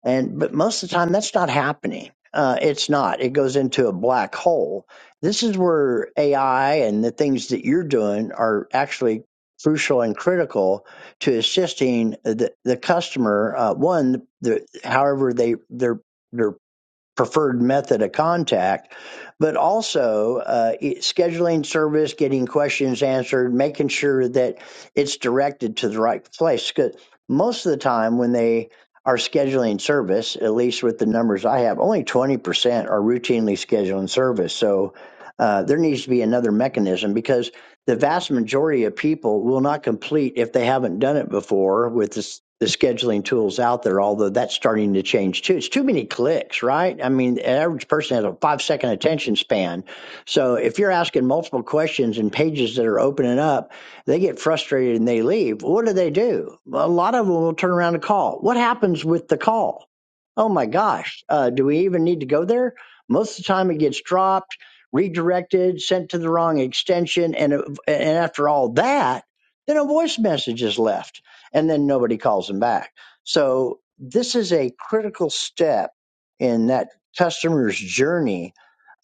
And but most of the time, that's not happening. Uh, it's not. It goes into a black hole. This is where AI and the things that you're doing are actually crucial and critical to assisting the, the customer. Uh, one, the, however they their their preferred method of contact, but also uh, e-, scheduling service, getting questions answered, making sure that it's directed to the right place. 'Cause most of the time, when they are scheduling service, at least with the numbers I have, only 20% are routinely scheduling service. So uh, there needs to be another mechanism because the vast majority of people will not complete if they haven't done it before with this, the scheduling tools out there, although that's starting to change too. It's too many clicks, right? I mean, an average person has a five second attention span. So if you're asking multiple questions and pages that are opening up, they get frustrated and they leave. What do they do? A lot of them will turn around and call. What happens with the call? Oh my gosh, uh, do we even need to go there? Most of the time it gets dropped redirected, sent to the wrong extension, and and after all that, then a voice message is left, and then nobody calls them back. So this is a critical step in that customer's journey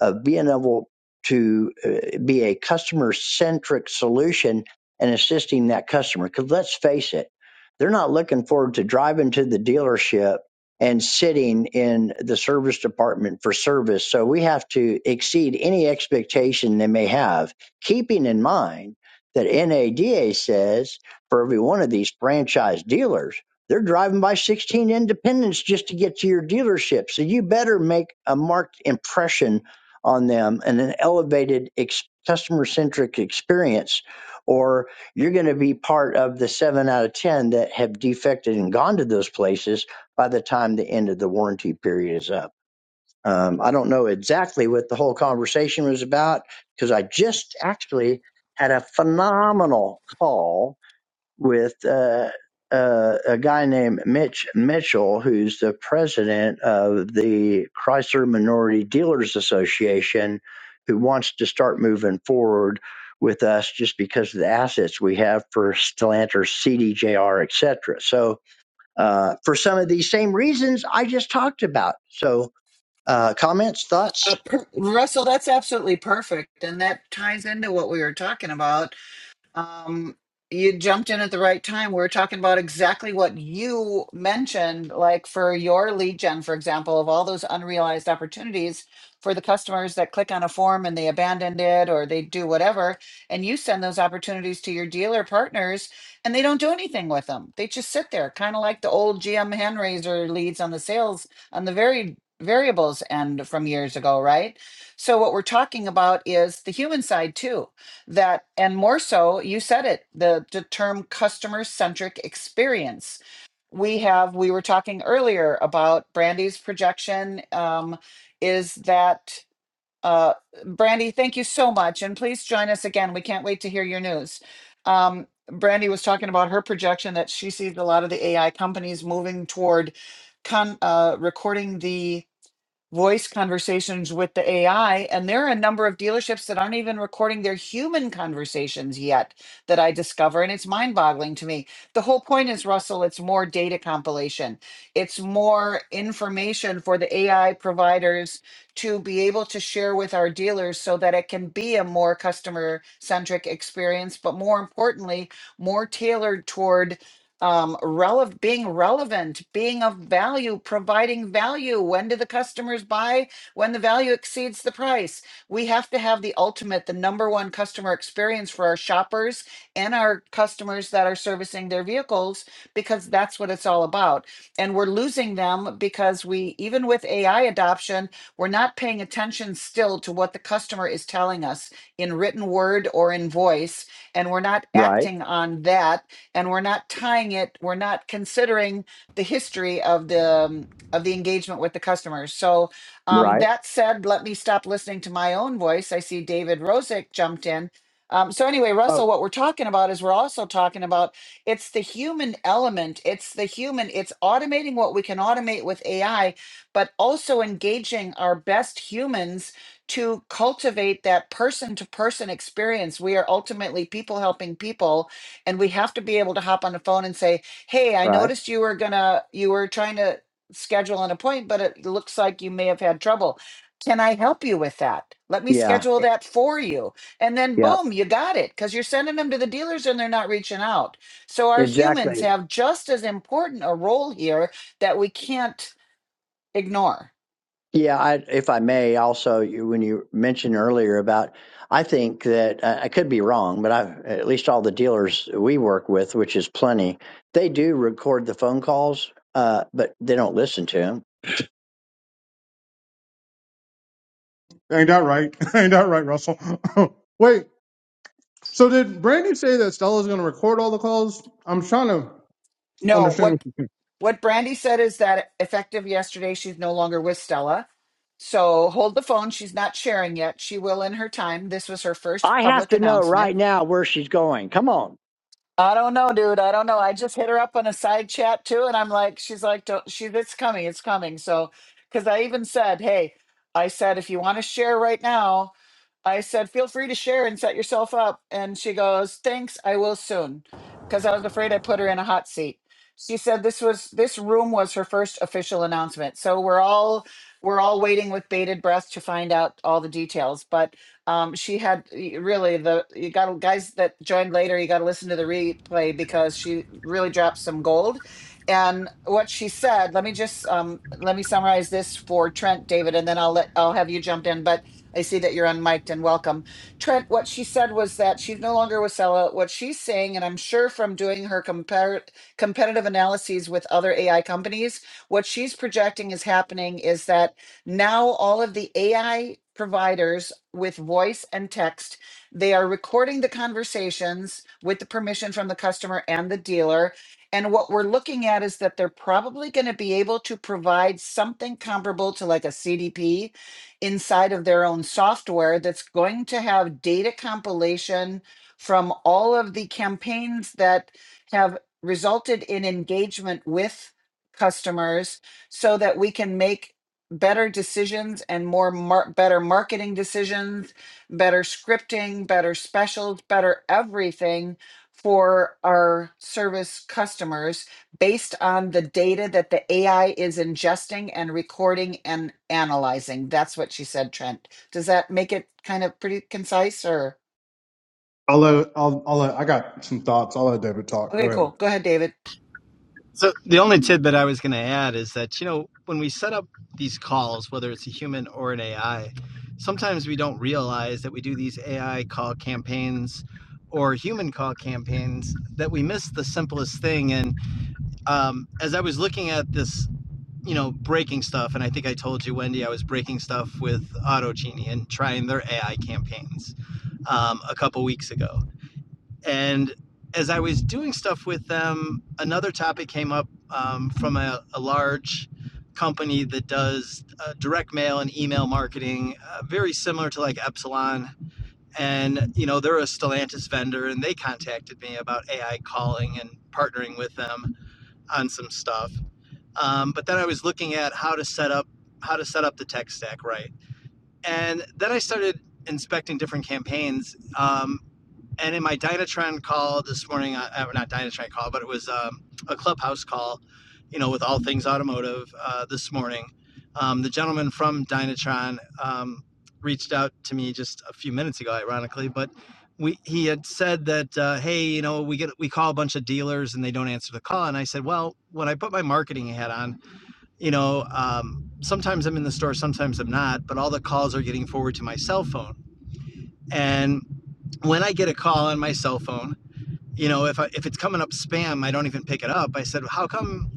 of being able to uh, be a customer centric solution and assisting that customer. Because let's face it, they're not looking forward to driving to the dealership and sitting in the service department for service. So we have to exceed any expectation they may have, keeping in mind that NADA says for every one of these franchise dealers, they're driving by 16 independents just to get to your dealership. So you better make a marked impression on them and an elevated ex- customer centric experience, or you're going to be part of the seven out of 10 that have defected and gone to those places by the time the end of the warranty period is up. Um, I don't know exactly what the whole conversation was about because I just actually had a phenomenal call with uh, uh, a guy named Mitch Mitchell, who's the president of the Chrysler Minority Dealers Association, who wants to start moving forward with us just because of the assets we have for Stellantis, CDJR, et cetera. So uh, for some of these same reasons I just talked about. So, uh, comments,
Uh,
thoughts?
per- Russell, that's absolutely perfect. And that ties into what we were talking about um, you jumped in at the right time. We were talking about exactly what you mentioned, like for your lead gen, for example, of all those unrealized opportunities for the customers that click on a form and they abandoned it or they do whatever. And you send those opportunities to your dealer partners and they don't do anything with them. They just sit there, kind of like the old GM hand raiser leads on the sales on the very variables end from years ago, right? So what we're talking about is the human side too that and more so you said it the, the term customer centric experience we have we were talking earlier about brandy's projection um, is that uh, brandy thank you so much and please join us again we can't wait to hear your news um, brandy was talking about her projection that she sees a lot of the ai companies moving toward con, uh, recording the voice conversations with the AI. And there are a number of dealerships that aren't even recording their human conversations yet that I discover. And it's mind boggling to me. The whole point is, Russell, it's more data compilation, it's more information for the AI providers to be able to share with our dealers so that it can be a more customer centric experience, but more importantly, more tailored toward um, relevant, being relevant, being of value, providing value. When do the customers buy? When the value exceeds the price. We have to have the ultimate, the number one customer experience for our shoppers and our customers that are servicing their vehicles because that's what it's all about. And we're losing them because we, even with AI adoption, we're not paying attention still to what the customer is telling us in written word or in voice. And we're not
Right,
acting on that and we're not tying it we're not considering the history of the um, of the engagement with the customers so um, that said let me stop listening to my own voice i see david rosick jumped in um, so anyway
oh,
russell what we're talking about is we're also talking about it's the human element it's the human it's automating what we can automate with ai but also engaging our best humans to cultivate that person to person experience we are ultimately people helping people and we have to be able to hop on the phone and say hey i
right,
noticed you were gonna you were trying to schedule an appointment but it looks like you may have had trouble can i help you with that let me
yeah,
schedule that for you and then
yeah,
boom you got it because you're sending them to the dealers and they're not reaching out so our humans
exactly.
have just as important a role here that we can't ignore
Yeah, I, if I may, also you, when you mentioned earlier about, I think that uh, I could be wrong, but I at least all the dealers we work with, which is plenty, they do record the phone calls, uh, but they don't listen to them.
ain't that right? [LAUGHS] ain't that right, Russell? [LAUGHS] Wait. So did Brandy say that Stella's going to record all the calls? I'm trying to
no what?
understand. What you
What Brandy said is that effective yesterday, she's no longer with Stella. So hold the phone. She's not sharing yet. She will in her time. This was her first
I have
public
to know
announcement.
right now where she's going. Come on.
I don't know, dude. I don't know. I just hit her up on a side chat too. And I'm like, she's like, don't, she, it's coming. It's coming. So, because I even said, hey, I said, if you want to share right now, I said, feel free to share and set yourself up. And she goes, thanks, I will soon. Because I was afraid I put her in a hot seat. She said this was this room was her first official announcement. So we're all we're all waiting with bated breath to find out all the details. But um, she had y- really the you got to guys that joined later. You got to listen to the replay because she really dropped some gold. And what she said, let me just um, let me summarize this for Trent, David, and then I'll let I'll have you jump in. But I see that you're unmiked and welcome. Trent, what she said was that she's no longer with Sella. What she's saying, and I'm sure from doing her compar- competitive analyses with other AI companies, what she's projecting is happening is that now all of the AI providers with voice and text, they are recording the conversations with the permission from the customer and the dealer. And what we're looking at is that they're probably going to be able to provide something comparable to like a CDP inside of their own software that's going to have data compilation from all of the campaigns that have resulted in engagement with customers so that we can make better decisions and more mar- better marketing decisions, better scripting, better specials, better everything for our service customers based on the data that the AI is ingesting and recording and analyzing. That's what she said, Trent. Does that make it kind of pretty concise or?
I'll let I'll I'll let I got some thoughts. I'll let David talk. Go
Okay,
ahead.
cool. Go ahead, David.
So the only tidbit I was going to add is that you know when we set up these calls, whether it's a human or an AI, sometimes we don't realize that we do these AI call campaigns or human call campaigns that we miss the simplest thing. And um, as I was looking at this, you know, breaking stuff, and I think I told you, Wendy, I was breaking stuff with AutoGenie and trying their AI campaigns um, a couple weeks ago and as I was doing stuff with them, another topic came up um, from a, a large company that does uh, direct mail and email marketing, uh, very similar to like Epsilon. And, you know, they're a Stellantis vendor and they contacted me about AI calling and partnering with them on some stuff. Um, but then I was looking at how to set up how to set up the tech stack right. And then I started inspecting different campaigns. Um, and in my Dynatron call this morning, uh, uh, not Dynatron call, but it was um, a clubhouse call, you know, with all things automotive uh, this morning. Um, the gentleman from Dynatron um, reached out to me just a few minutes ago, ironically, but we he had said that, uh, hey, you know, we get we call a bunch of dealers and they don't answer the call, and I said, well, when I put my marketing hat on, you know, um, sometimes I'm in the store, sometimes I'm not, but all the calls are getting forwarded to my cell phone, and when I get a call on my cell phone you know, if I, if it's coming up spam, I don't even pick it up. I said, how come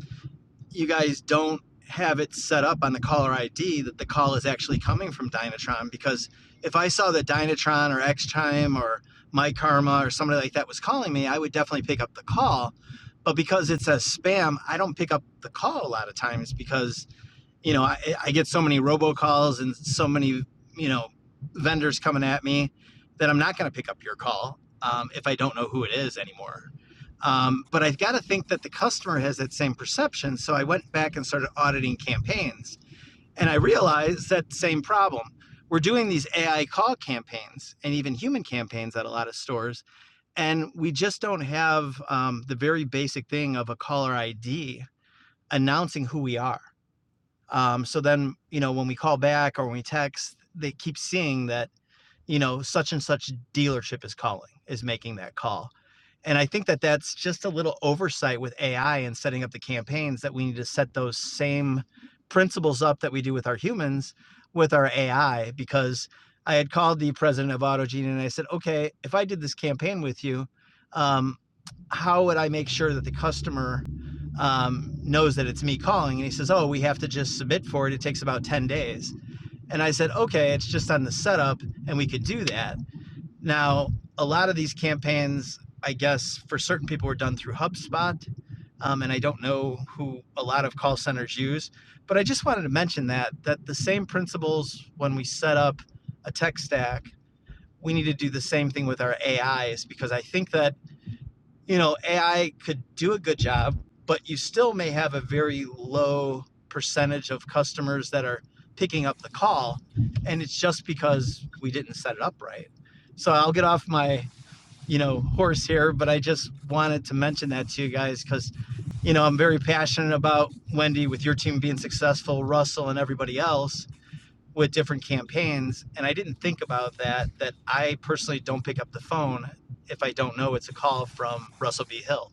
you guys don't have it set up on the caller ID that the call is actually coming from Dynatron? Because if I saw that Dynatron or Xtime or My Karma or somebody like that was calling me, I would definitely pick up the call. But because it says spam, I don't pick up the call a lot of times because you know, I, I get so many robocalls and so many, you know, vendors coming at me that I'm not going to pick up your call um, if I don't know who it is anymore. Um, but I've got to think that the customer has that same perception. So I went back and started auditing campaigns. And I realized that same problem. We're doing these AI call campaigns and even human campaigns at a lot of stores. And we just don't have um, the very basic thing of a caller ID announcing who we are. Um, so then, you know, when we call back or when we text, they keep seeing that, you know, such and such dealership is calling, is making that call. And I think that that's just a little oversight with AI and setting up the campaigns that we need to set those same principles up that we do with our humans with our AI because I had called the president of AutoGenie and I said, okay, if I did this campaign with you, um, how would I make sure that the customer um, knows that it's me calling? And he says, oh, we have to just submit for it. It takes about 10 days. And I said, okay, it's just on the setup and we could do that. Now, a lot of these campaigns, I guess, for certain people were done through HubSpot. Um, and I don't know who a lot of call centers use, but I just wanted to mention that that the same principles when we set up a tech stack, we need to do the same thing with our AIs because I think that you know, AI could do a good job, but you still may have a very low percentage of customers that are picking up the call. And it's just because we didn't set it up right. So I'll get off my, you know, horse here, but I just wanted to mention that to you guys because, you know, I'm very passionate about Wendy with your team being successful, Russell and everybody else with different campaigns and i didn't think about that that i personally don't pick up the phone if i don't know it's a call from russell b hill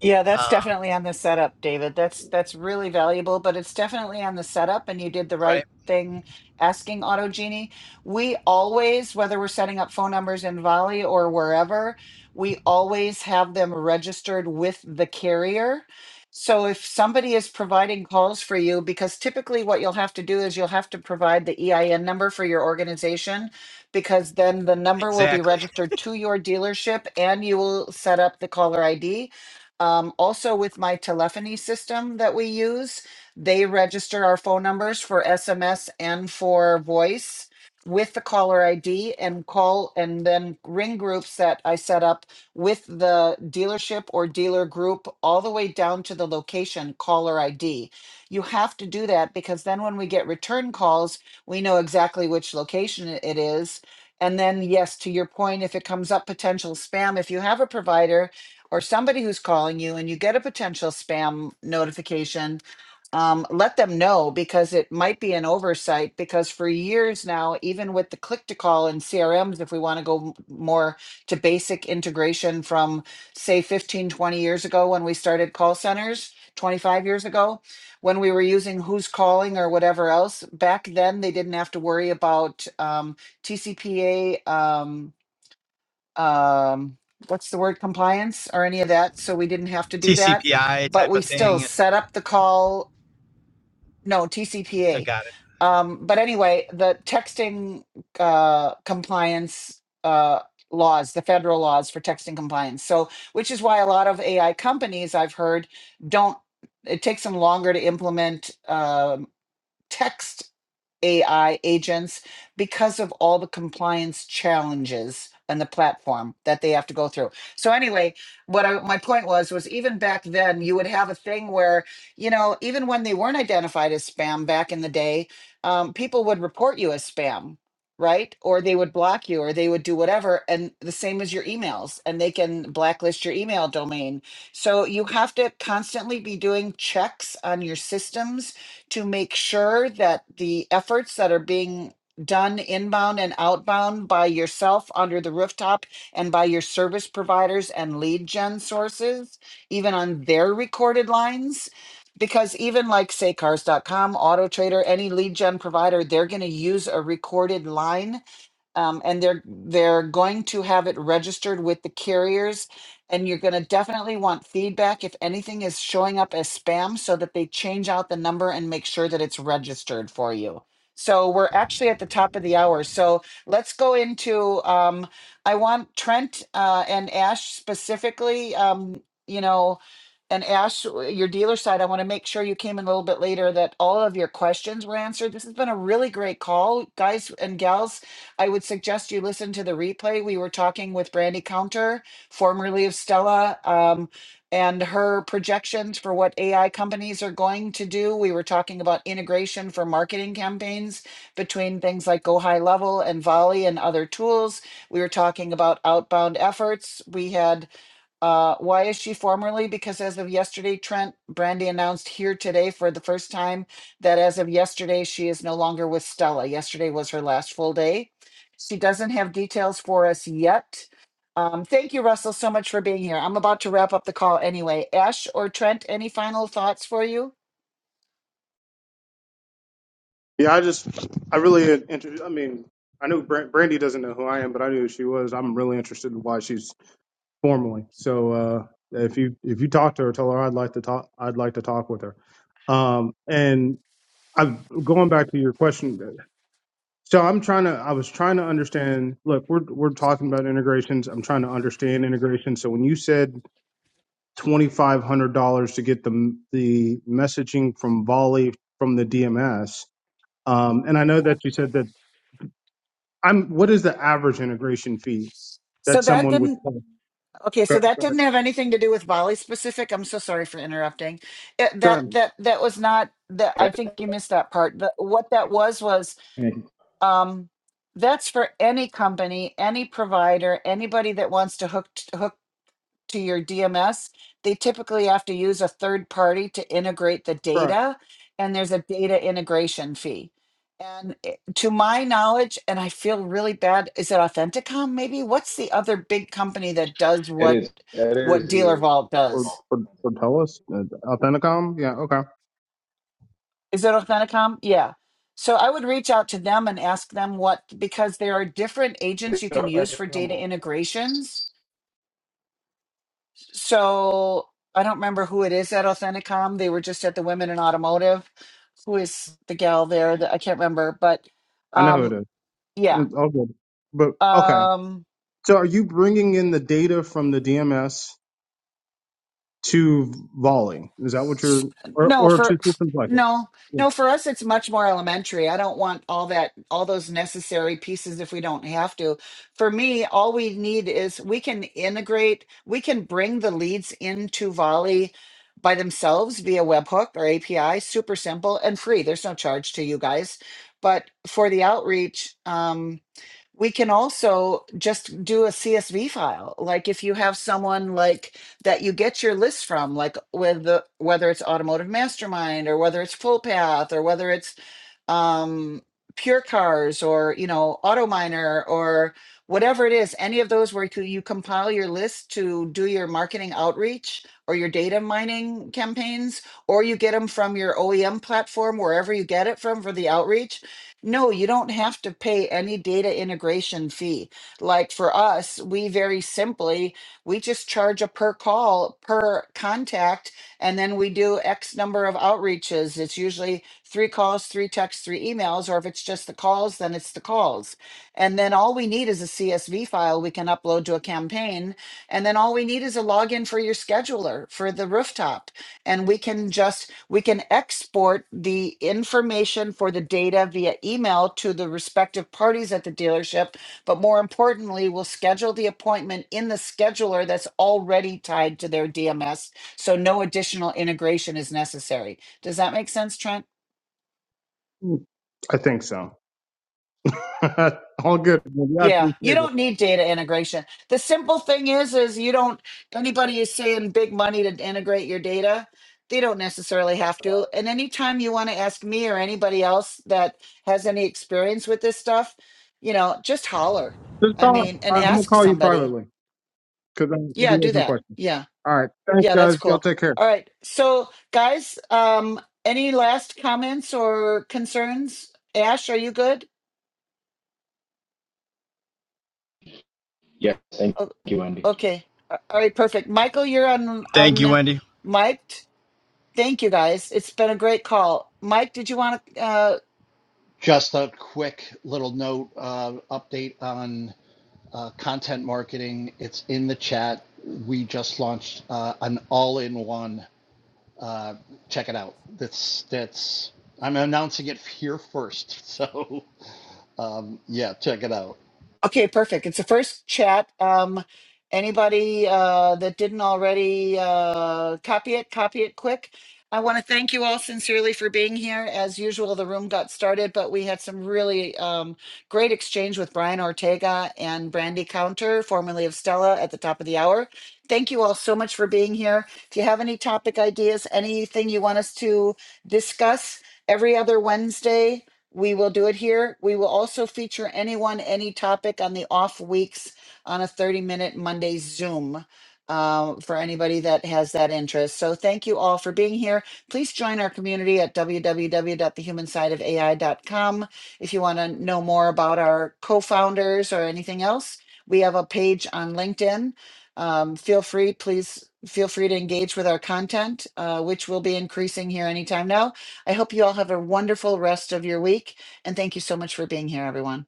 Yeah, that's
um,
definitely on the setup, David. That's that's really valuable, but it's definitely on the setup and you did the
right
right thing asking Auto Genie. We always, whether we're setting up phone numbers in Volley or wherever, we always have them registered with the carrier. So if somebody is providing calls for you, because typically what you'll have to do is you'll have to provide the EIN number for your organization because then the number will be
exactly
registered to your dealership and you will set up the caller ID um, also, with my telephony system that we use, they register our phone numbers for SMS and for voice with the caller ID and call and then ring groups that I set up with the dealership or dealer group all the way down to the location caller ID. You have to do that because then when we get return calls, we know exactly which location it it is. And then, yes, to your point, if it comes up potential spam, if you have a provider or somebody who's calling you and you get a potential spam notification, um, let them know because it might be an oversight. Because for years now, even with the click to call and CRMs, if we want to go m- more to basic integration from, say, 15 20 years ago when we started call centers, 25 years ago, when we were using who's calling or whatever else, back then they didn't have to worry about um, TCPA. Um, um, what's the word compliance or any of that. So we didn't have to
[LAUGHS]
do that,
tcpi
but
type
we
of
still
thing and
set up the call. No
i
TCPA.
got it
Um, but anyway, the texting uh, compliance uh, laws, the federal laws for texting compliance. So, which is why a lot of AI companies I've heard don't. It takes them longer to implement uh, text AI agents because of all the compliance challenges and the platform that they have to go through. So anyway, what I, my point was was even back then you would have a thing where you know even when they weren't identified as spam back in the day, um, people would report you as spam, right? Or they would block you, or they would do whatever. And the same as your emails, and they can blacklist your email domain. So you have to constantly be doing checks on your systems to make sure that the efforts that are being done inbound and outbound by yourself under the rooftop and by your service providers and lead gen sources, even on their recorded lines. Because even like say cars.com, Auto Trader, any lead gen provider, they're going to use a recorded line um, and they're they're going to have it registered with the carriers and you're going to definitely want feedback if anything is showing up as spam so that they change out the number and make sure that it's registered for you so we're actually at the top of the hour so let's go into um, i want trent uh, and ash specifically um, you know and Ash, your dealer side, I want to make sure you came in a little bit later that all of your questions were answered. This has been a really great call, guys and gals. I would suggest you listen to the replay. We were talking with Brandy Counter, formerly of Stella, um, and her projections for what AI companies are going to do. We were talking about integration for marketing campaigns between things like Go High Level and Volley and other tools. We were talking about outbound efforts. We had uh, why is she formerly? Because as of yesterday, Trent Brandy announced here today for the first time that as of yesterday, she is no longer with Stella. Yesterday was her last full day. She doesn't have details for us yet. Um, thank you, Russell, so much for being here. I'm about to wrap up the call anyway. Ash or Trent, any final thoughts for you?
Yeah, I just, I really, had inter- I mean, I knew Bran- Brandy doesn't know who I am, but I knew who she was. I'm really interested in why she's formally. So uh, if you if you talk to her, tell her I'd like to talk. I'd like to talk with her. Um, and I'm going back to your question. So I'm trying to. I was trying to understand. Look, we're we're talking about integrations. I'm trying to understand integration. So when you said twenty five hundred dollars to get the the messaging from Volley from the DMS, um, and I know that you said that I'm. What is the average integration fee that
So that
someone would
didn't.
pay? Go,
Okay,
go
so that
ahead.
didn't have anything to do with Bali specific. I'm so sorry for interrupting. It,
Go ahead.
that that that was not that. I think you missed that part. The, what that was was
me.
um, that's for any company, any provider, anybody that wants to hook t- hook to your DMS. They typically have to use a third party to integrate the
Correct.
data, and there's a data integration fee. And it- to my knowledge, and I feel really bad. Is it Authenticom? Maybe what's the other big company that does
It
what
is. It
what
is
Dealer
dealer
Vault
Or,
does?
vault.
or or tell us Uh, Authenticom. Yeah. Okay.
Is it Authenticom? Yeah. So I would reach out to them and ask them what because there are different agents you can use for data integrations so I don't remember who it is at Authenticom. They were just at the Women in Automotive. Who is the gal there? That I can't remember, but
I know who it
um,
is.
yeah.
It's all good. But okay.
Um,
So are you bringing in the data from the DMS to Volley? Is that what you're or
No,
or to
for
systems like it?
no, no, for us it's much more elementary. I don't want all that all those necessary pieces if we don't have to. For me, all we need is we can integrate, we can bring the leads into Volley by themselves via webhook or API, super simple and free. There's no charge to you guys. But for the outreach, um we can also just do a CSV file. Like if you have someone like that you get your list from, like with the, whether it's Automotive Mastermind or whether it's Full Path or whether it's um, Pure Cars or you know Auto Miner or whatever it is, any of those where you c- you compile your list to do your marketing outreach or your data mining campaigns, or you get them from your OEM platform wherever you get it from for the outreach no, you don't have to pay any data integration fee. Like for us, we very simply, we just charge a per call, per contact, and then we do X number of outreaches. It's usually three calls, three texts, three emails, or if it's just the calls, then it's the calls. And then all we need is a CSV file we can upload to a campaign. And then all we need is a login for your scheduler for the rooftop. And we can just we can export the information for the data via email to the respective parties at the dealership, but more importantly, we'll schedule the appointment in the scheduler that's already tied to their DMS, so no additional integration is necessary. Does that make sense, Trent?
Yeah. I think so. [LAUGHS] all good. Well, Yeah, I
Yeah, you
appreciate it.
don't need data integration. The simple thing is, is you don't, anybody is saying big money to integrate your data. They don't necessarily have to. And anytime you want to ask me or anybody else that has any experience with this stuff, you know, just holler.
Just
I
call.
mean,
I-
and
I'm gonna
ask
call you
somebody.
privately because I I
Yeah,
do
do
have my
that.
question.
Yeah.
All right. Thanks,
Yeah,
guys.
that's
Y'all
cool.
take care.
All right. So, guys, um, any last comments or concerns? Ash, are you good?
Yes, thank you, Andy.
Okay. A- All right, perfect. Michael, you're on
thank you
on
wendy
mic'd. Thank you guys. It's been a great call. Mike, did you want to
Just a quick little note uh, update on uh, content marketing. It's in the chat. We just launched uh, an all-in-one. Uh, check it out. That's that's. I'm announcing it here first. [LAUGHS] So um, yeah, check it out.
Okay, perfect. It's the first chat. Um, anybody uh, that didn't already uh, copy it, copy it quick. I want to thank you all sincerely for being here. As usual, the room got started, but we had some really um, great exchange with Brian Ortega and Brandy Counter, formerly of Stella, at the top of the hour. Thank you all so much for being here. If you have any topic ideas, anything you want us to discuss, every other Wednesday we will do it here. We will also feature anyone, any topic on the off weeks on a 30 minute Monday Zoom uh, for anybody that has that interest. So thank you all for being here. Please join our community at www.thehumansideofai.com. If you want to know more about our co founders or anything else, we have a page on LinkedIn. Um, feel free, please feel free to engage with our content, uh, which will be increasing here anytime now. I hope you all have a wonderful rest of your week. And thank you so much for being here, everyone.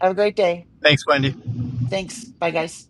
Have a great day.
thanks wendy
Thanks. Bye, guys.